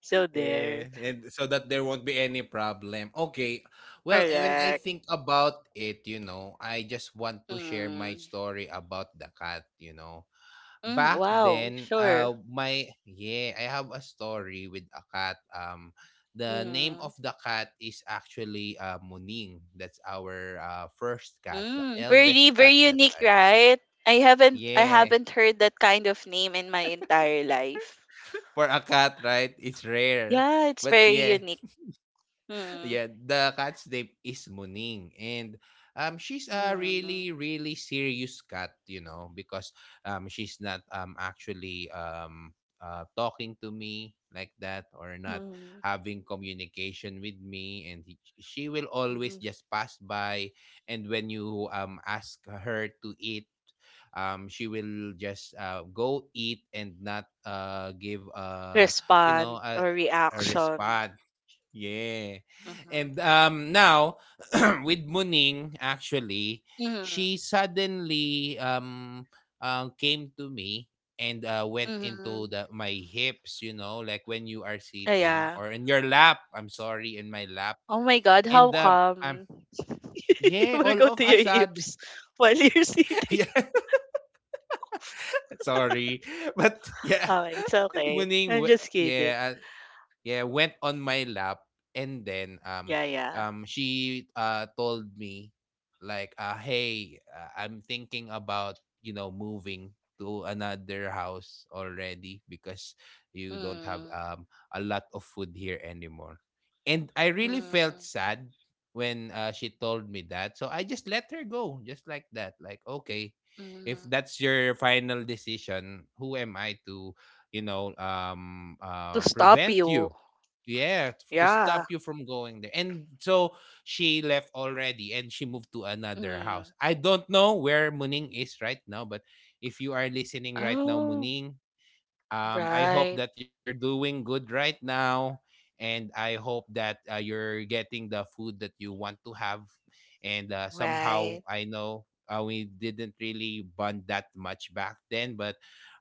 So Yeah. there, And so that there won't be any problem. Okay. Well, eh, when I correct. think about it, you know, I just want to share my Mm. story about the cat, you know. Mm, Back wow, then, sure. uh, my yeah, I have a story with a cat. Um, the name Mm. of the cat is actually uh, Muning. That's our uh, first cat, the Mm, very eldest very cat that unique, I have. right? I haven't I Yeah, haven't heard that kind of name in my entire life. for a cat, right? It's rare, Yeah, it's but very yeah. unique. Mm. Yeah, the cat's name is Muning, and um, she's a Mm. really, really serious cat, you know, because um, she's not um actually um uh talking to me like that, or not Mm. having communication with me, and he, she will always Mm. just pass by, and when you um ask her to eat, um, she will just uh go eat and not uh give uh, you know, Respond a or a reaction. response. Yeah. Mhm. And um now [clears throat] with Muning actually, Mhm. she suddenly um uh, came to me and uh, went into Mhm. the my hips, you know, like when you are Ah, sitting yeah. or in your lap. I'm sorry, in my lap. Oh my God, And how um I'm come [laughs] you Yeah, will all go of to your Assad. hips while you're [laughs] [laughs] sitting? Yeah, sorry. But yeah, Oh, it's [laughs] okay. Muning I'm w- just kidding. yeah, yeah went on my lap and then um Yeah, yeah. um she uh told me like uh hey uh, I'm thinking about, you know, moving to another house already because you don't have Mm, um a lot of food here anymore. And I really felt mm, sad when uh, she told me that, so I just let her go just like that. Like, okay, if mm. that's your final decision, who am I to, you know, um To uh stop prevent you. you. Yeah, t- to Yeah. stop you from going there. And so she left already and she moved to another Mm. house. I don't know where Muning is right now, but if you are listening right now, Oh, Muning, Um, I hope right, that you're doing good right now, and I hope that uh, you're getting the food that you want to have. And uh, somehow, right. I know uh, we didn't really bond that much back then, but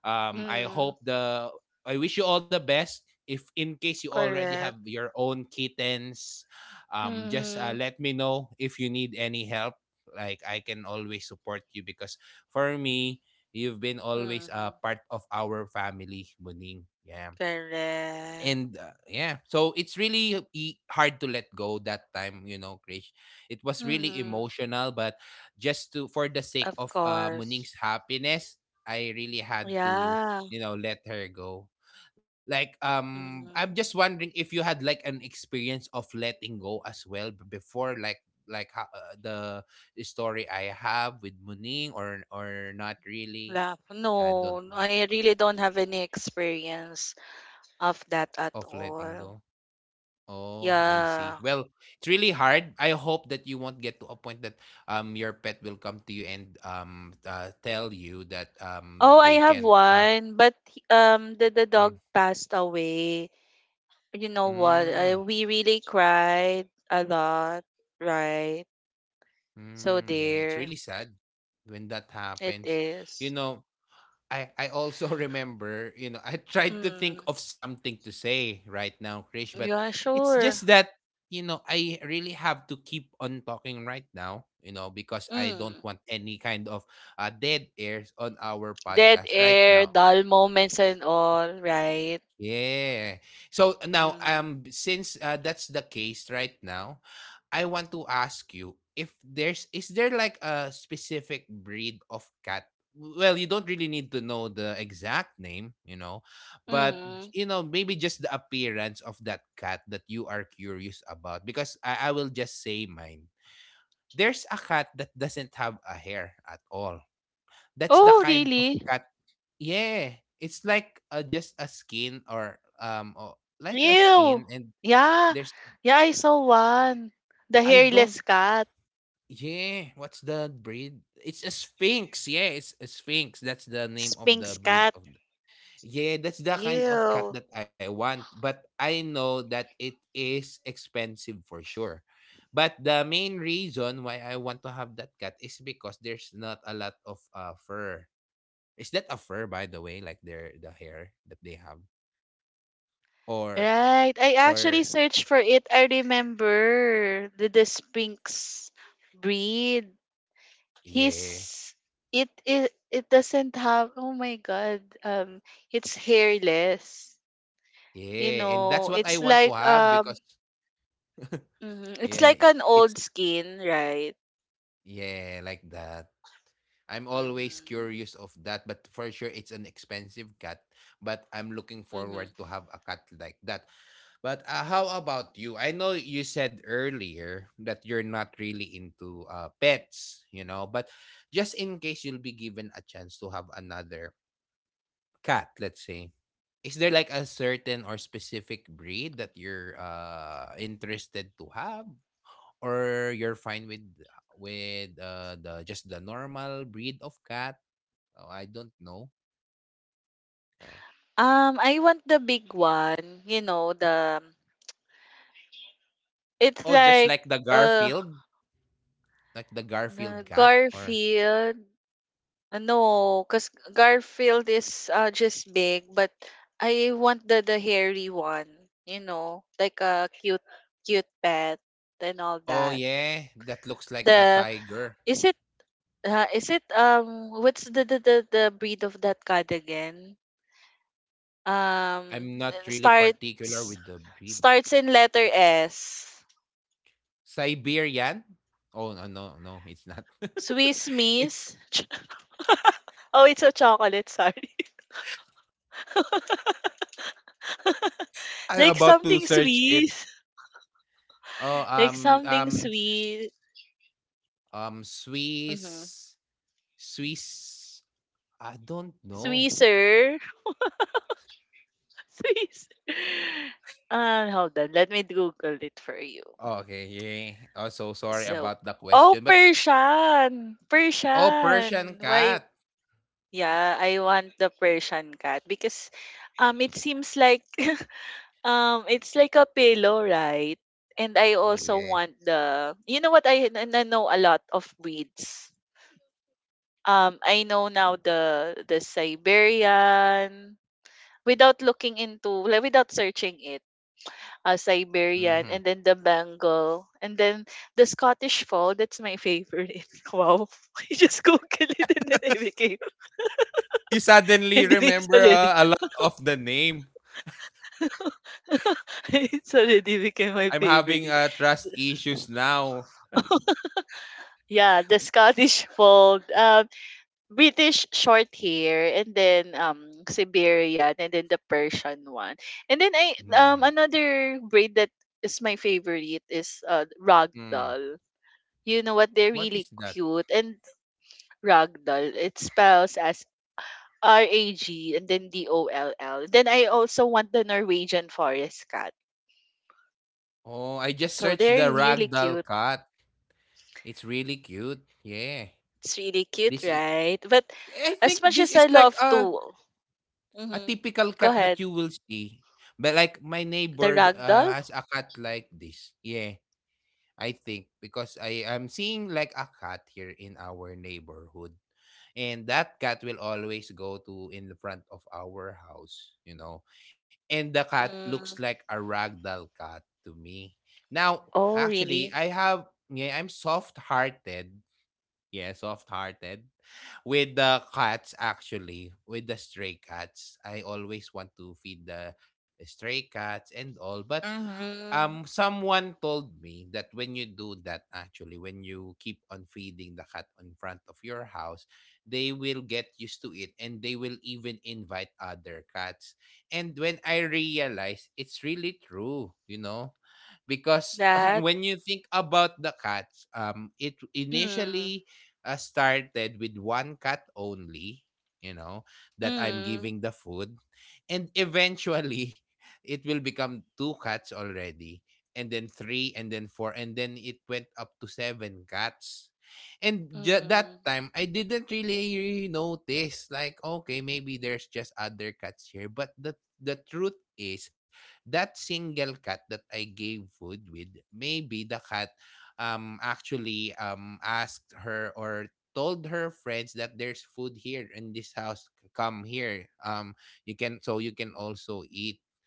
um, I Mm, hope the I wish you all the best. If in case you already correct. have your own kittens, um, just uh, Mm-hmm, let me know if you need any help. Like, I can always support you, because for me, you've been always a mm-hmm. part of our family, Muning. Yeah. Correct. And uh, yeah, so it's really e- hard to let go that time, you know, Krish. It was really Mm-hmm. emotional, but just to, for the sake Of of uh, course. Muning's happiness, I really had to, Yeah. you know, let her go. Like, um, I'm Mm, just wondering if you had like an experience of letting go as well b- before, like like ho- uh, the story I have with Muning, or or not really. laugh. I don't No, know. I really don't have any experience of that at Of letting all. go. Oh, I see. Yeah. Well, it's really hard. I hope that you won't get to a point that um your pet will come to you and um uh, tell you that um Oh, I they have can't uh. one, but he- um, the the Mm, dog passed away. You know what? mm, I, we really cried a lot, right? So mm, yeah, it's there, really sad when that it happens. You is. know, I I also [laughs] remember, you know, I tried to Mm, think of something to say right now, Krish, but yeah, it's sure. just that, you know, I really have to keep on talking right now, you know, because I don't Mm. want any kind of uh, dead airs on our Dead podcast right air, now. dull moments, and all, right? Yeah. So now, Mm-hmm. um, since uh, that's the case right now, I want to ask you if there's is there like a specific breed of cat? Well, you don't really need to know the exact name, you know, but Mm. you know, maybe just the appearance of that cat that you are curious about. Because I, I will just say mine. There's a cat that doesn't have a hair at all. That's the Oh, kind of really? cat. Yeah, it's like uh, just a skin or um or like a Ew. skin and Yeah. there's Yeah, I saw one. The I don't. hairless cat. Yeah, what's the breed? It's a sphinx. Yeah, it's a sphinx. That's the name of Sphinx the breed cat. of the. Yeah, that's the kind of Ew. cat that I want, but I know that it is expensive for sure. But the main reason why I want to have that cat is because there's not a lot of uh, fur. Is that a fur, by the way, like their the hair that they have? or Right. I Or actually searched for it. I remember the, the Sphinx breed. yeah. His it, it it doesn't have oh my god. Um it's hairless. You Yeah, and that's know, what I it's want to like have, because um mhm, it's yeah, like i- an it's old skin, right? yeah, like that. I'm always Mm-hmm. curious of that, but for sure it's an expensive cat, but I'm looking Mm-hmm. forward to have a cat like that. But uh, how about you? I know you said earlier that you're not really into uh, pets, you know, but just in case you'll be given a chance to have another cat, let's say, is there like a certain or specific breed that you're uh interested to have, or you're fine with with uh the just the normal breed of cat? Oh, I don't know. Yeah. Um, I want the big one, you know, the it's Oh, just like like the uh Garfield, like the Garfield na- cat, or Garfield. Uh, No, because Garfield is uh, just big, but I want the the hairy one, you know, like a cute cute pet and all oh that. yeah, that looks like a The tiger. is it uh, is it um what's the, the the the breed of that cat again? Um, I'm not the- really particular with starts the breed. starts in letter S. Siberian? Oh, no no no, it's not. [laughs] Swiss It's Miss. [laughs] Oh, it's a chocolate, sorry. [laughs] I'm Like about to something search it. Swiss. Oh, Like um, something um, sweet. um, Mm-hmm. Swiss, Swiss. I don't know. Swisser. [laughs] Swiss. Uh, hold on. Let me Google it for you. Oh, okay, yeah. Oh, so sorry So, about the oh, question, but Persian. oh, Persian Persian. Why? cat. Yeah, I want the Persian cat because um, it seems like [laughs] Um, it's like a pillow, right? And I Oh also yeah. want the you know what I, n- n- know a lot of breeds. Um, I know now the the Siberian without looking into like, without searching it. Uh, Siberian Hmm. and then the Bengal and then the Scottish Fold. That's my favorite. [laughs] Wow, [laughs] I just googled it and then I became You [laughs] suddenly and then it's remember already uh, a lot of the name. [laughs] it's already became my I'm having favorite. uh, trust issues now. Yeah, the Scottish Fold. Um, British short hair and then um Siberian and then the Persian one. And then I Hmm. um another braid that is my favorite is uh Hmm. ragdoll. You know what? They're What really is that? cute and ragdoll. It spells as R A G and then D O L L. Then I also want the Norwegian forest cat. Oh, I just So searched they're the really ragdoll cute. cat. It's really cute. Yeah. It's really cute, This is, right? But I as think much this as I is like love a to, A mm-hmm, typical go cat ahead. that you will see, but like my The neighbor, uh, ragdoll. has a cat like this. Yeah, I think because I am seeing like a cat here in our neighborhood, and that cat will always go to in the front of our house, you know, and the cat looks Mm. like a ragdoll cat to me. Now, Oh, actually, really? I have yeah, I'm soft-hearted. Yeah, soft-hearted. With the cats, actually, with the stray cats, I always want to feed the stray cats and all. But Mm-hmm. Um, someone told me that when you do that, actually, when you keep on feeding the cat in front of your house, they will get used to it, and they will even invite other cats. And when I realized, it's really true, you know, because [laughs] [clears throat] That? when you think about the cats, um, it Mm. initially uh, started with one cat only, you know, that I'm Mm. giving the food. And eventually, it will become two cats already, and then three, and then four, and then it went up to seven cats. And ju- Mm. that time I didn't really notice, like, okay, maybe there's just other cats here, but the the truth is that single cat that I gave food with, maybe the cat um actually um asked her, or told her friends that there's food here in this house, c- come here, um you can, so you can also eat.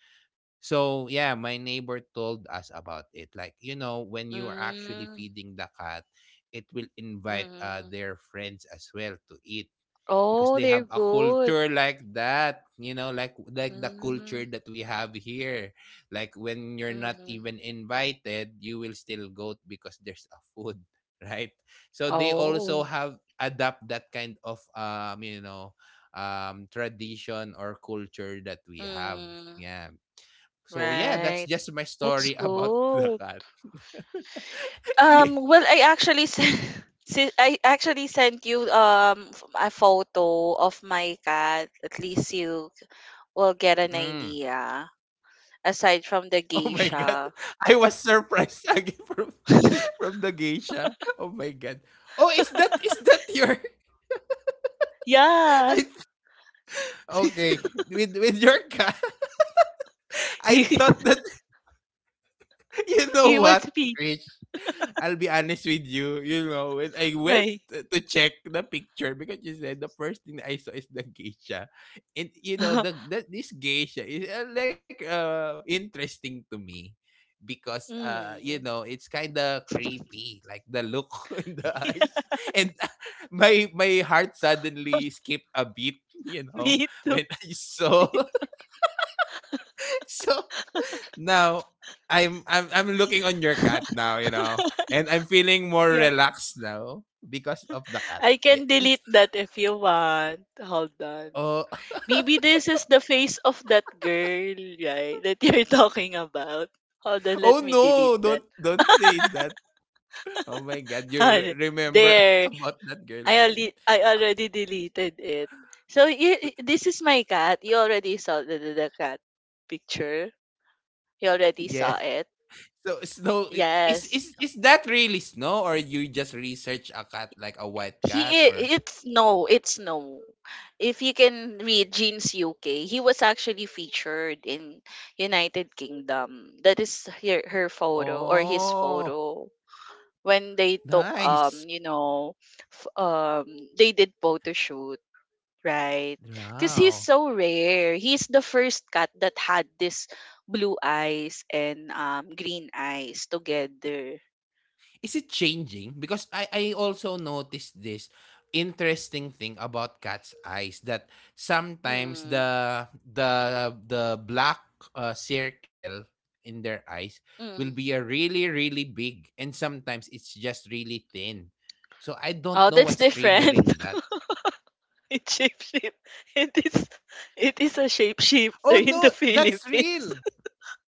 So yeah, my neighbor told us about it. Like, you know, when you are actually Mm. feeding the cat, it will invite uh, Mm. their friends as well to eat, because Oh, they have they're a good. culture like that, you know, like like the culture Mm. that we have here. Like when you're not Mm. even invited, you will still go because there's a food, [laughs] right? So they also Oh. have adapt that kind of um, you know, um tradition or culture that we have. Mm. Yeah, so yeah, that's Right. just my That's story [laughs] about the good. cat. [laughs] Yeah. Um, well, I actually sent, [laughs] si- I actually sent you um f- a photo of my cat. At least you will get an Mm. idea. Aside from Oh the my god. [laughs] geisha. I [laughs] was surprised again [laughs] from, from the geisha. Oh my god. Oh, is that is that your [laughs] Yeah. I okay, with with your cat. [laughs] I He [laughs] thought that [laughs] you know he was what, being I'll be honest with you, you know, when I went like, to check the picture, because you said the first thing I saw is the geisha. And you know, [laughs] the, the this geisha is uh, like uh interesting to me, because uh you mm, know, it's kind of creepy, like the look [laughs] in the [laughs] yeah, eyes. And [laughs] uh, my my heart suddenly skipped a beat, you know, me too. when I [laughs] me saw too. [laughs] so now I'm I'm I'm looking on your cat now, you know, and I'm feeling more Yeah, relaxed now because of the cat. I can Yeah, it's delete that if you want. Hold on. oh. Maybe this is the face of that girl, right? That you're [laughs] talking about. Hold on, [laughs] Oh let me delete no, that. don't don't say that. Oh my God, you re- Hold- remember [laughs] There, about that girl I already again? I already deleted it. So you, this is my cat. You already saw the, the the cat picture. You already Yeah. saw it. So snow i- is Yes, is is that really snow, or you just research a cat like a white He cat, i- or it's no, it's no. If you can read Gene's U K, he was actually featured in United Kingdom. That is her, her photo or his oh photo when they took nice um you know f- um they did photo shoot, right, because he's wow. so rare. He's the first cat that had this blue eyes and um green eyes together. Is it changing? Because I I also noticed this interesting thing about cat's eyes, that sometimes Mm, the the the black uh, circle in their eyes will mm. be a really really big, and sometimes it's just really thin. So I don't Oh, know that's [laughs] what's different. triggering that. [laughs] It shapeshift. It is it is a Oh shapeshifter in the no, that's Philippines. real. [laughs]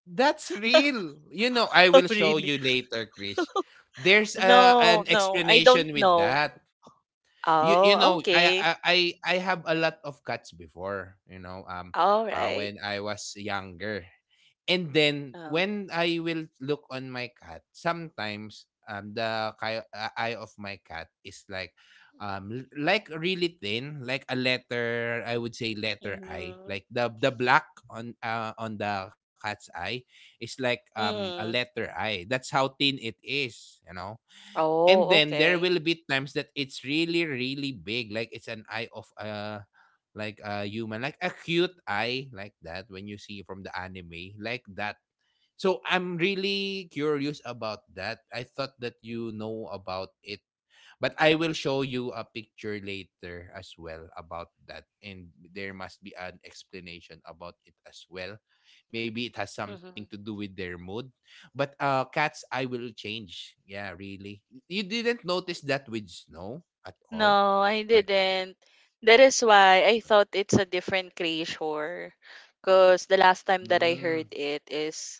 That's real. You know, I Oh will show really? you later, Krish. There's a, No, an no, I don't explanation with know. that. you you Oh, know I okay. I I I have a lot of cats before, you know, um All uh, right. when I was younger, and then Um, when I will look on my cat sometimes, um the ki- uh, eye of my cat is like um l- like really thin, like a letter I, would say, letter I, mm-hmm. like the the black on uh, on the cat's eye is like um a Mm. letter I, that's how thin it is, you know. And Oh, then there okay. will be times that it's really really big, like it's an eye of a, like a human, like a cute eye like that, when you see from the anime like that. So I'm really curious about that. I thought that you know about it, but I will show you a picture later as well about that. And there must be an explanation about it as well. Maybe it has something to Mm-hmm. do with their mood. But uh cats I will change. Yeah, really. You didn't notice that with snow at all? No, I Like didn't. That is why I thought it's a different creature. Because the last time that I heard mm, it is,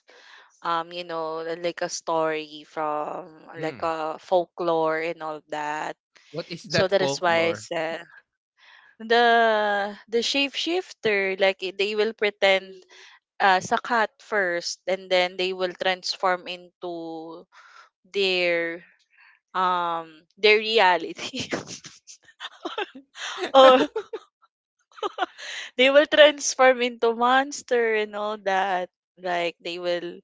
um, you know, like a story from like mm, a folklore and all that. what is So that that is why I folklore? said the the shapeshifter, like i- they will pretend uh, as a cat first, and then they will transform into their um their reality, [laughs] or [laughs] they will transform into monster and all that. Like they will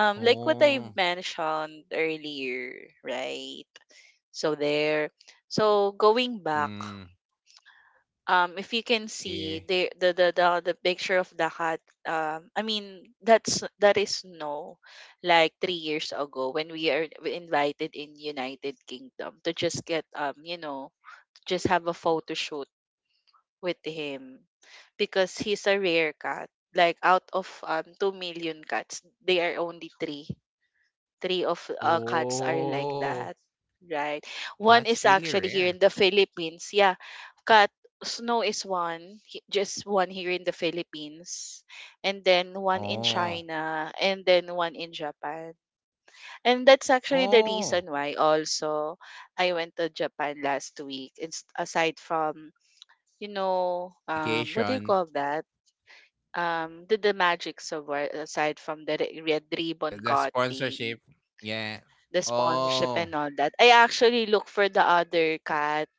um like what I mentioned earlier, right? So there. So going back. Mm, um If you can yeah. see the the the the, the picture of the cat um i mean that's that is no, like three years ago when we are invited in United Kingdom to just get um you know just have a photo shoot with him because he's a rare cat, like out of um two million cats they are only three, three of uh, cats are like Oh, that, right? One that's is really actually here rare. in the Philippines. Yeah, cat Snow is one, he- just one here in the Philippines, and then one in Oh. China, and then one in Japan. And that's actually the Oh, reason why also I went to Japan last week. It's aside from you know um what do you vacation, call that? Um, the the magic of war aside from the re- red uh, ribbon the cutting sponsorship, yeah. the sponsorship Oh, and all that, I actually look for the other cat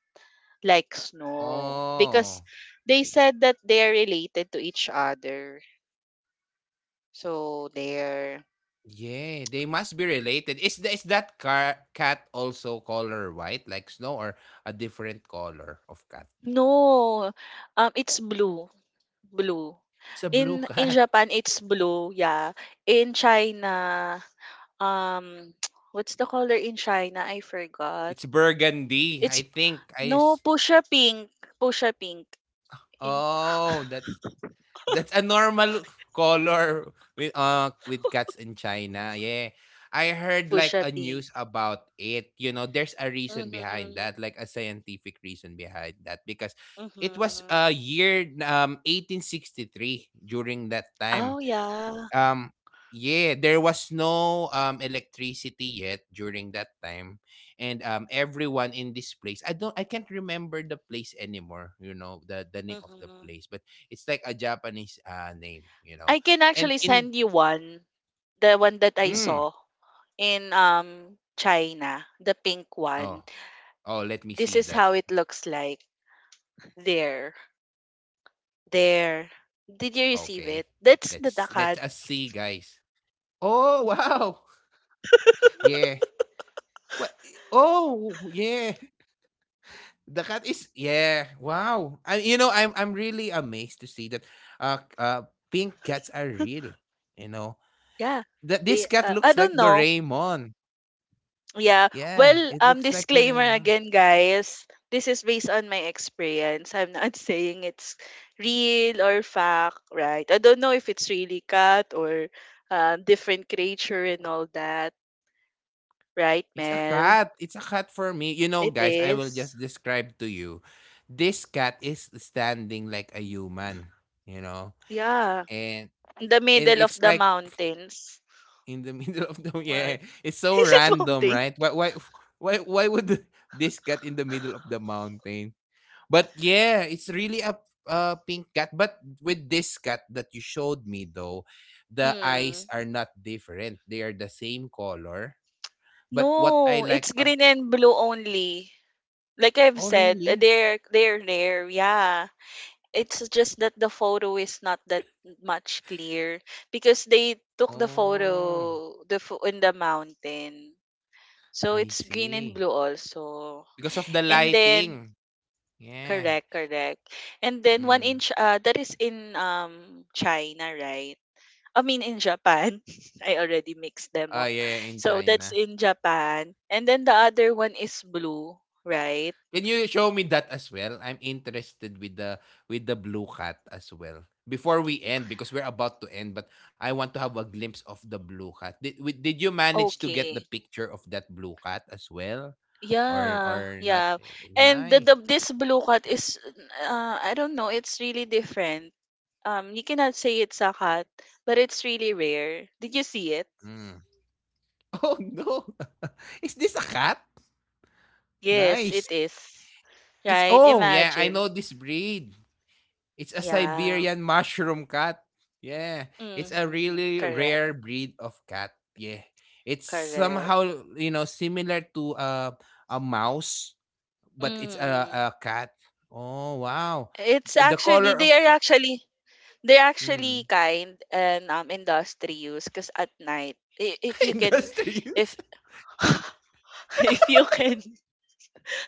like Snow because oh, they said that they're related to each other. So they're yeah, they must be related. Is the is that car cat also color white like snow, or a different color of cat? no, um, it's blue, blue. It's a blue In [laughs] in cat. Japan, it's blue. Yeah, in China, um, [tsk] what's the color in China? I forgot. It's burgundy, It's I think. I no s- Pusha Pink, Pusha Pink in Oh, that's That's a normal color with uh with cats in China. Yeah. I heard like Pusha a Pink. news about it. You know, there's a reason behind Mm-hmm. that, like a scientific reason behind that, because it was Mm-hmm. uh year um eighteen sixty-three during that Oh, time. yeah. Um yeah, there was no um electricity yet during that time, and um everyone in this place, i don't i can't remember the place anymore, you know, the the name of the Mm-hmm. place, but it's like a Japanese uh, name, you I know. can actually And send in you one, the one that I saw mm, in um China, the pink one. oh, oh, let me This is see how that. it looks like there. Okay, let's There. let us us see, Did you guys. receive it? That's the dakat. Oh wow, [laughs] yeah. What? Oh yeah. The cat is, yeah. Wow. I you know I'm I'm really amazed to see that uh uh pink cats are real. You know Yeah. that this cat They looks uh, like I the don't know. Raymond. Yeah. Yeah, Well, it um, looks like the disclaimer Raymond. again, guys. This is based on my experience. I'm not [laughs] saying it's real or fact, right? I don't know if it's really cat or uh, different creature and all that, right, It's a Mel? cat. It's a cat for me. You know, It guys, I will is. just describe to you. This cat is standing like a human, you know? Yeah. And In the and middle of it's the like mountains. in the [laughs] middle of the, yeah. Right. It's so [laughs] Is it random, mountain? right? Why why why why would [laughs] this cat in the middle of the mountain? But yeah, it's really a a pink cat. But with this cat that you showed me though, the eyes Mm. are not different. They are the same color. But what I No, it's like ab- green and blue only. Like I've oh said, really? they're they're rare. Yeah. It's just that the photo is not that much clear because they took the Oh, photo the pho- in the mountain. So I it's green and see. blue also. Because of the And then lighting. Yeah. correct, correct. And then one Mm. inch uh that is in um China, right? I mean in Japan. [laughs] I already mixed them Oh, up. yeah, yeah, in So that's China. in Japan. And then the other one is blue, right? Can you show me that as well? I'm interested with the with the blue cat as well. Before we end, because we're about to end, but I want to have a glimpse of the blue cat. Did wi- did you manage to get the Okay. picture of that blue cat as well, or Yeah, or not yeah. really? And the, the Nice. this blue cat is uh I don't know, it's really different. Um you cannot say it's a cat, but it's really rare. Did you see it? Mm. [laughs] Oh no, [laughs] is this a cat? Yes, Nice. it is. It's, Right? oh yeah, I Imagine. know this breed. It's a Yeah. Siberian mushroom cat. Yeah, it's a Mm-hmm. really Correct. rare breed of cat. Yeah. It's Correct. somehow, you know, similar to a a mouse, but it's a, Mm. a cat. Oh, wow. It's The actually color of, they are actually they're actually mm. kind and um industrious because at night i- [laughs] if you can Industry use. if [laughs] if you can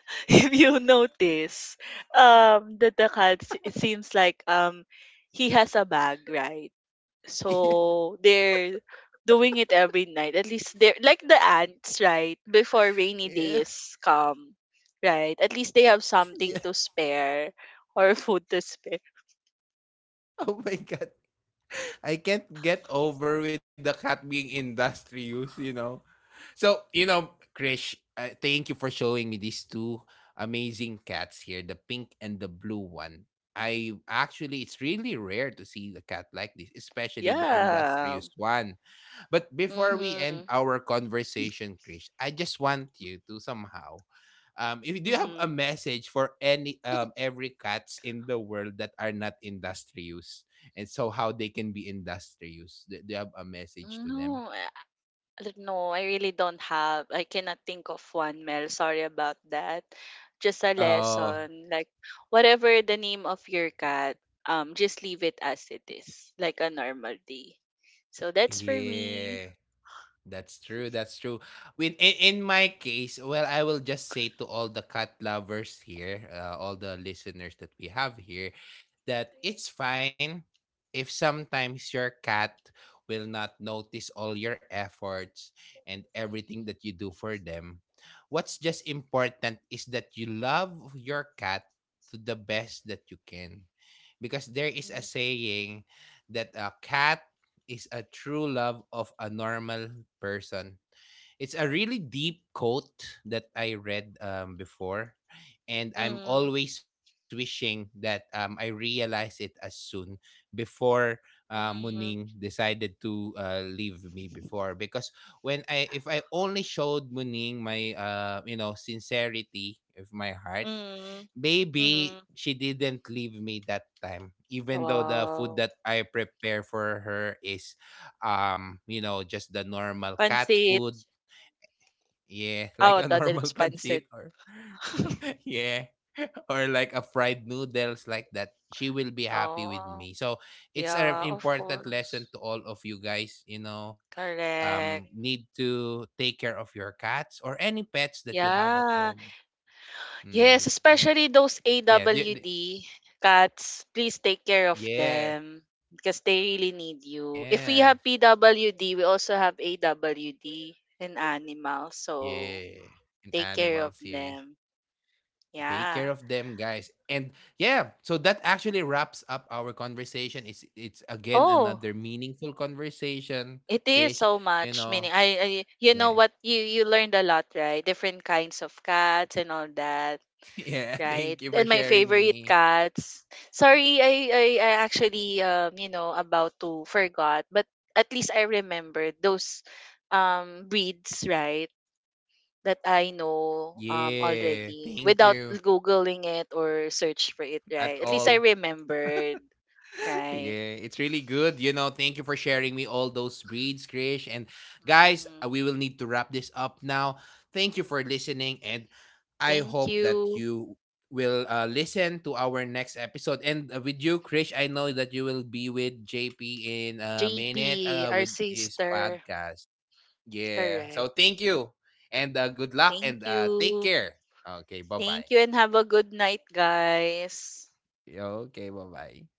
[laughs] if you notice, um, the the cat s- it seems like um he has a bag, right? [laughs] Yeah, So they're doing it every night. At least they're like the ants, right? Before rainy yeah, days come, right? At least they have something yeah. to spare [laughs] or food to spare. Oh my god. I can't get over with the cat being industry use, you know. So, you know, Krish, uh, thank you for showing me these two amazing cats here, the pink and the blue one. I actually, it's really rare to see the cat like this, especially the Yeah. industrious one. But before we Mm-hmm. end our conversation, Krish, I just want you to somehow, um, if you do have a Mm-hmm. message for any, um, every cats in the world that are not industrious, and so how they can be industrious, do do you have a message to them? No, Uh, no, I really don't have. I cannot think of one, Mel. Sorry about that. Just a Oh, lesson. Like, whatever the name of your cat, um, just leave it as it is, like a normal day. So that's for me. yeah, that's true. That's true. When in, in my case, well, I will just say to all the cat lovers here, uh, all the listeners that we have here, that it's fine if sometimes your cat will not notice all your efforts and everything that you do for them. What's just important is that you love your cat to the best that you can. Because there is a saying that a cat is a true love of a normal person. It's a really deep quote that I read um, before, and Mhm. I'm Mhm. always wishing that um, I realize it as soon before uh, Mhm. Muning decided to uh, leave me before. Because when I, if I only showed Muning my, uh, you know, sincerity of my heart, Mhm. maybe Mhm. she didn't leave me that time, even though the food Wow. that I prepare for her is um you know just the normal cat Pansit. food, yeah, [laughs] like Oh, I a thought normal it's pansit. pancit or [laughs] [laughs] yeah [laughs] or like a fried noodles like that, she will be happy with Oh, me. So it's an yeah, of important course. lesson to all of you guys, you know, um Correct. need to take care of your cats or any pets that you have at Yeah. home. Yes, Mm. especially those Yeah, the- the- A W D cats, please take care of yeah. them because they really need you. If we Yeah. have P W D, we also have A W D in animals, so Yeah. And take care of animals, yeah. them. Take Yeah. care of them, guys. And yeah, so that actually wraps up our conversation. It's it's again Oh, another meaningful conversation, it is Krish. so You much. Meaning, know, I, I you know yeah. what you you learned a lot, right? Different kinds of cats and all that. [laughs] Yeah. Right? Thank you for And my sharing favorite me. cats. Sorry, I I, I actually um you know about to forgot, but at least I remember those um breeds, right? That I know um Yeah. already Thank without you. googling it or search for it, At right? At least I all. remembered, [laughs] right? Yeah, it's really good. You know, thank you for sharing me all those breeds, Krish. And guys, Hmm. uh, we will need to wrap this up now. Thank you for listening, and I Thank hope that you, you will uh, listen to our next episode. And uh, with you, Krish, I know that you will be with J P in a minute J P, uh, our with his sister. podcast. Yeah, so Correct. thank you, and uh, good luck, Thank and uh, take you. care. Okay, bye Thank you bye. and have a good night, guys. Okay, bye bye.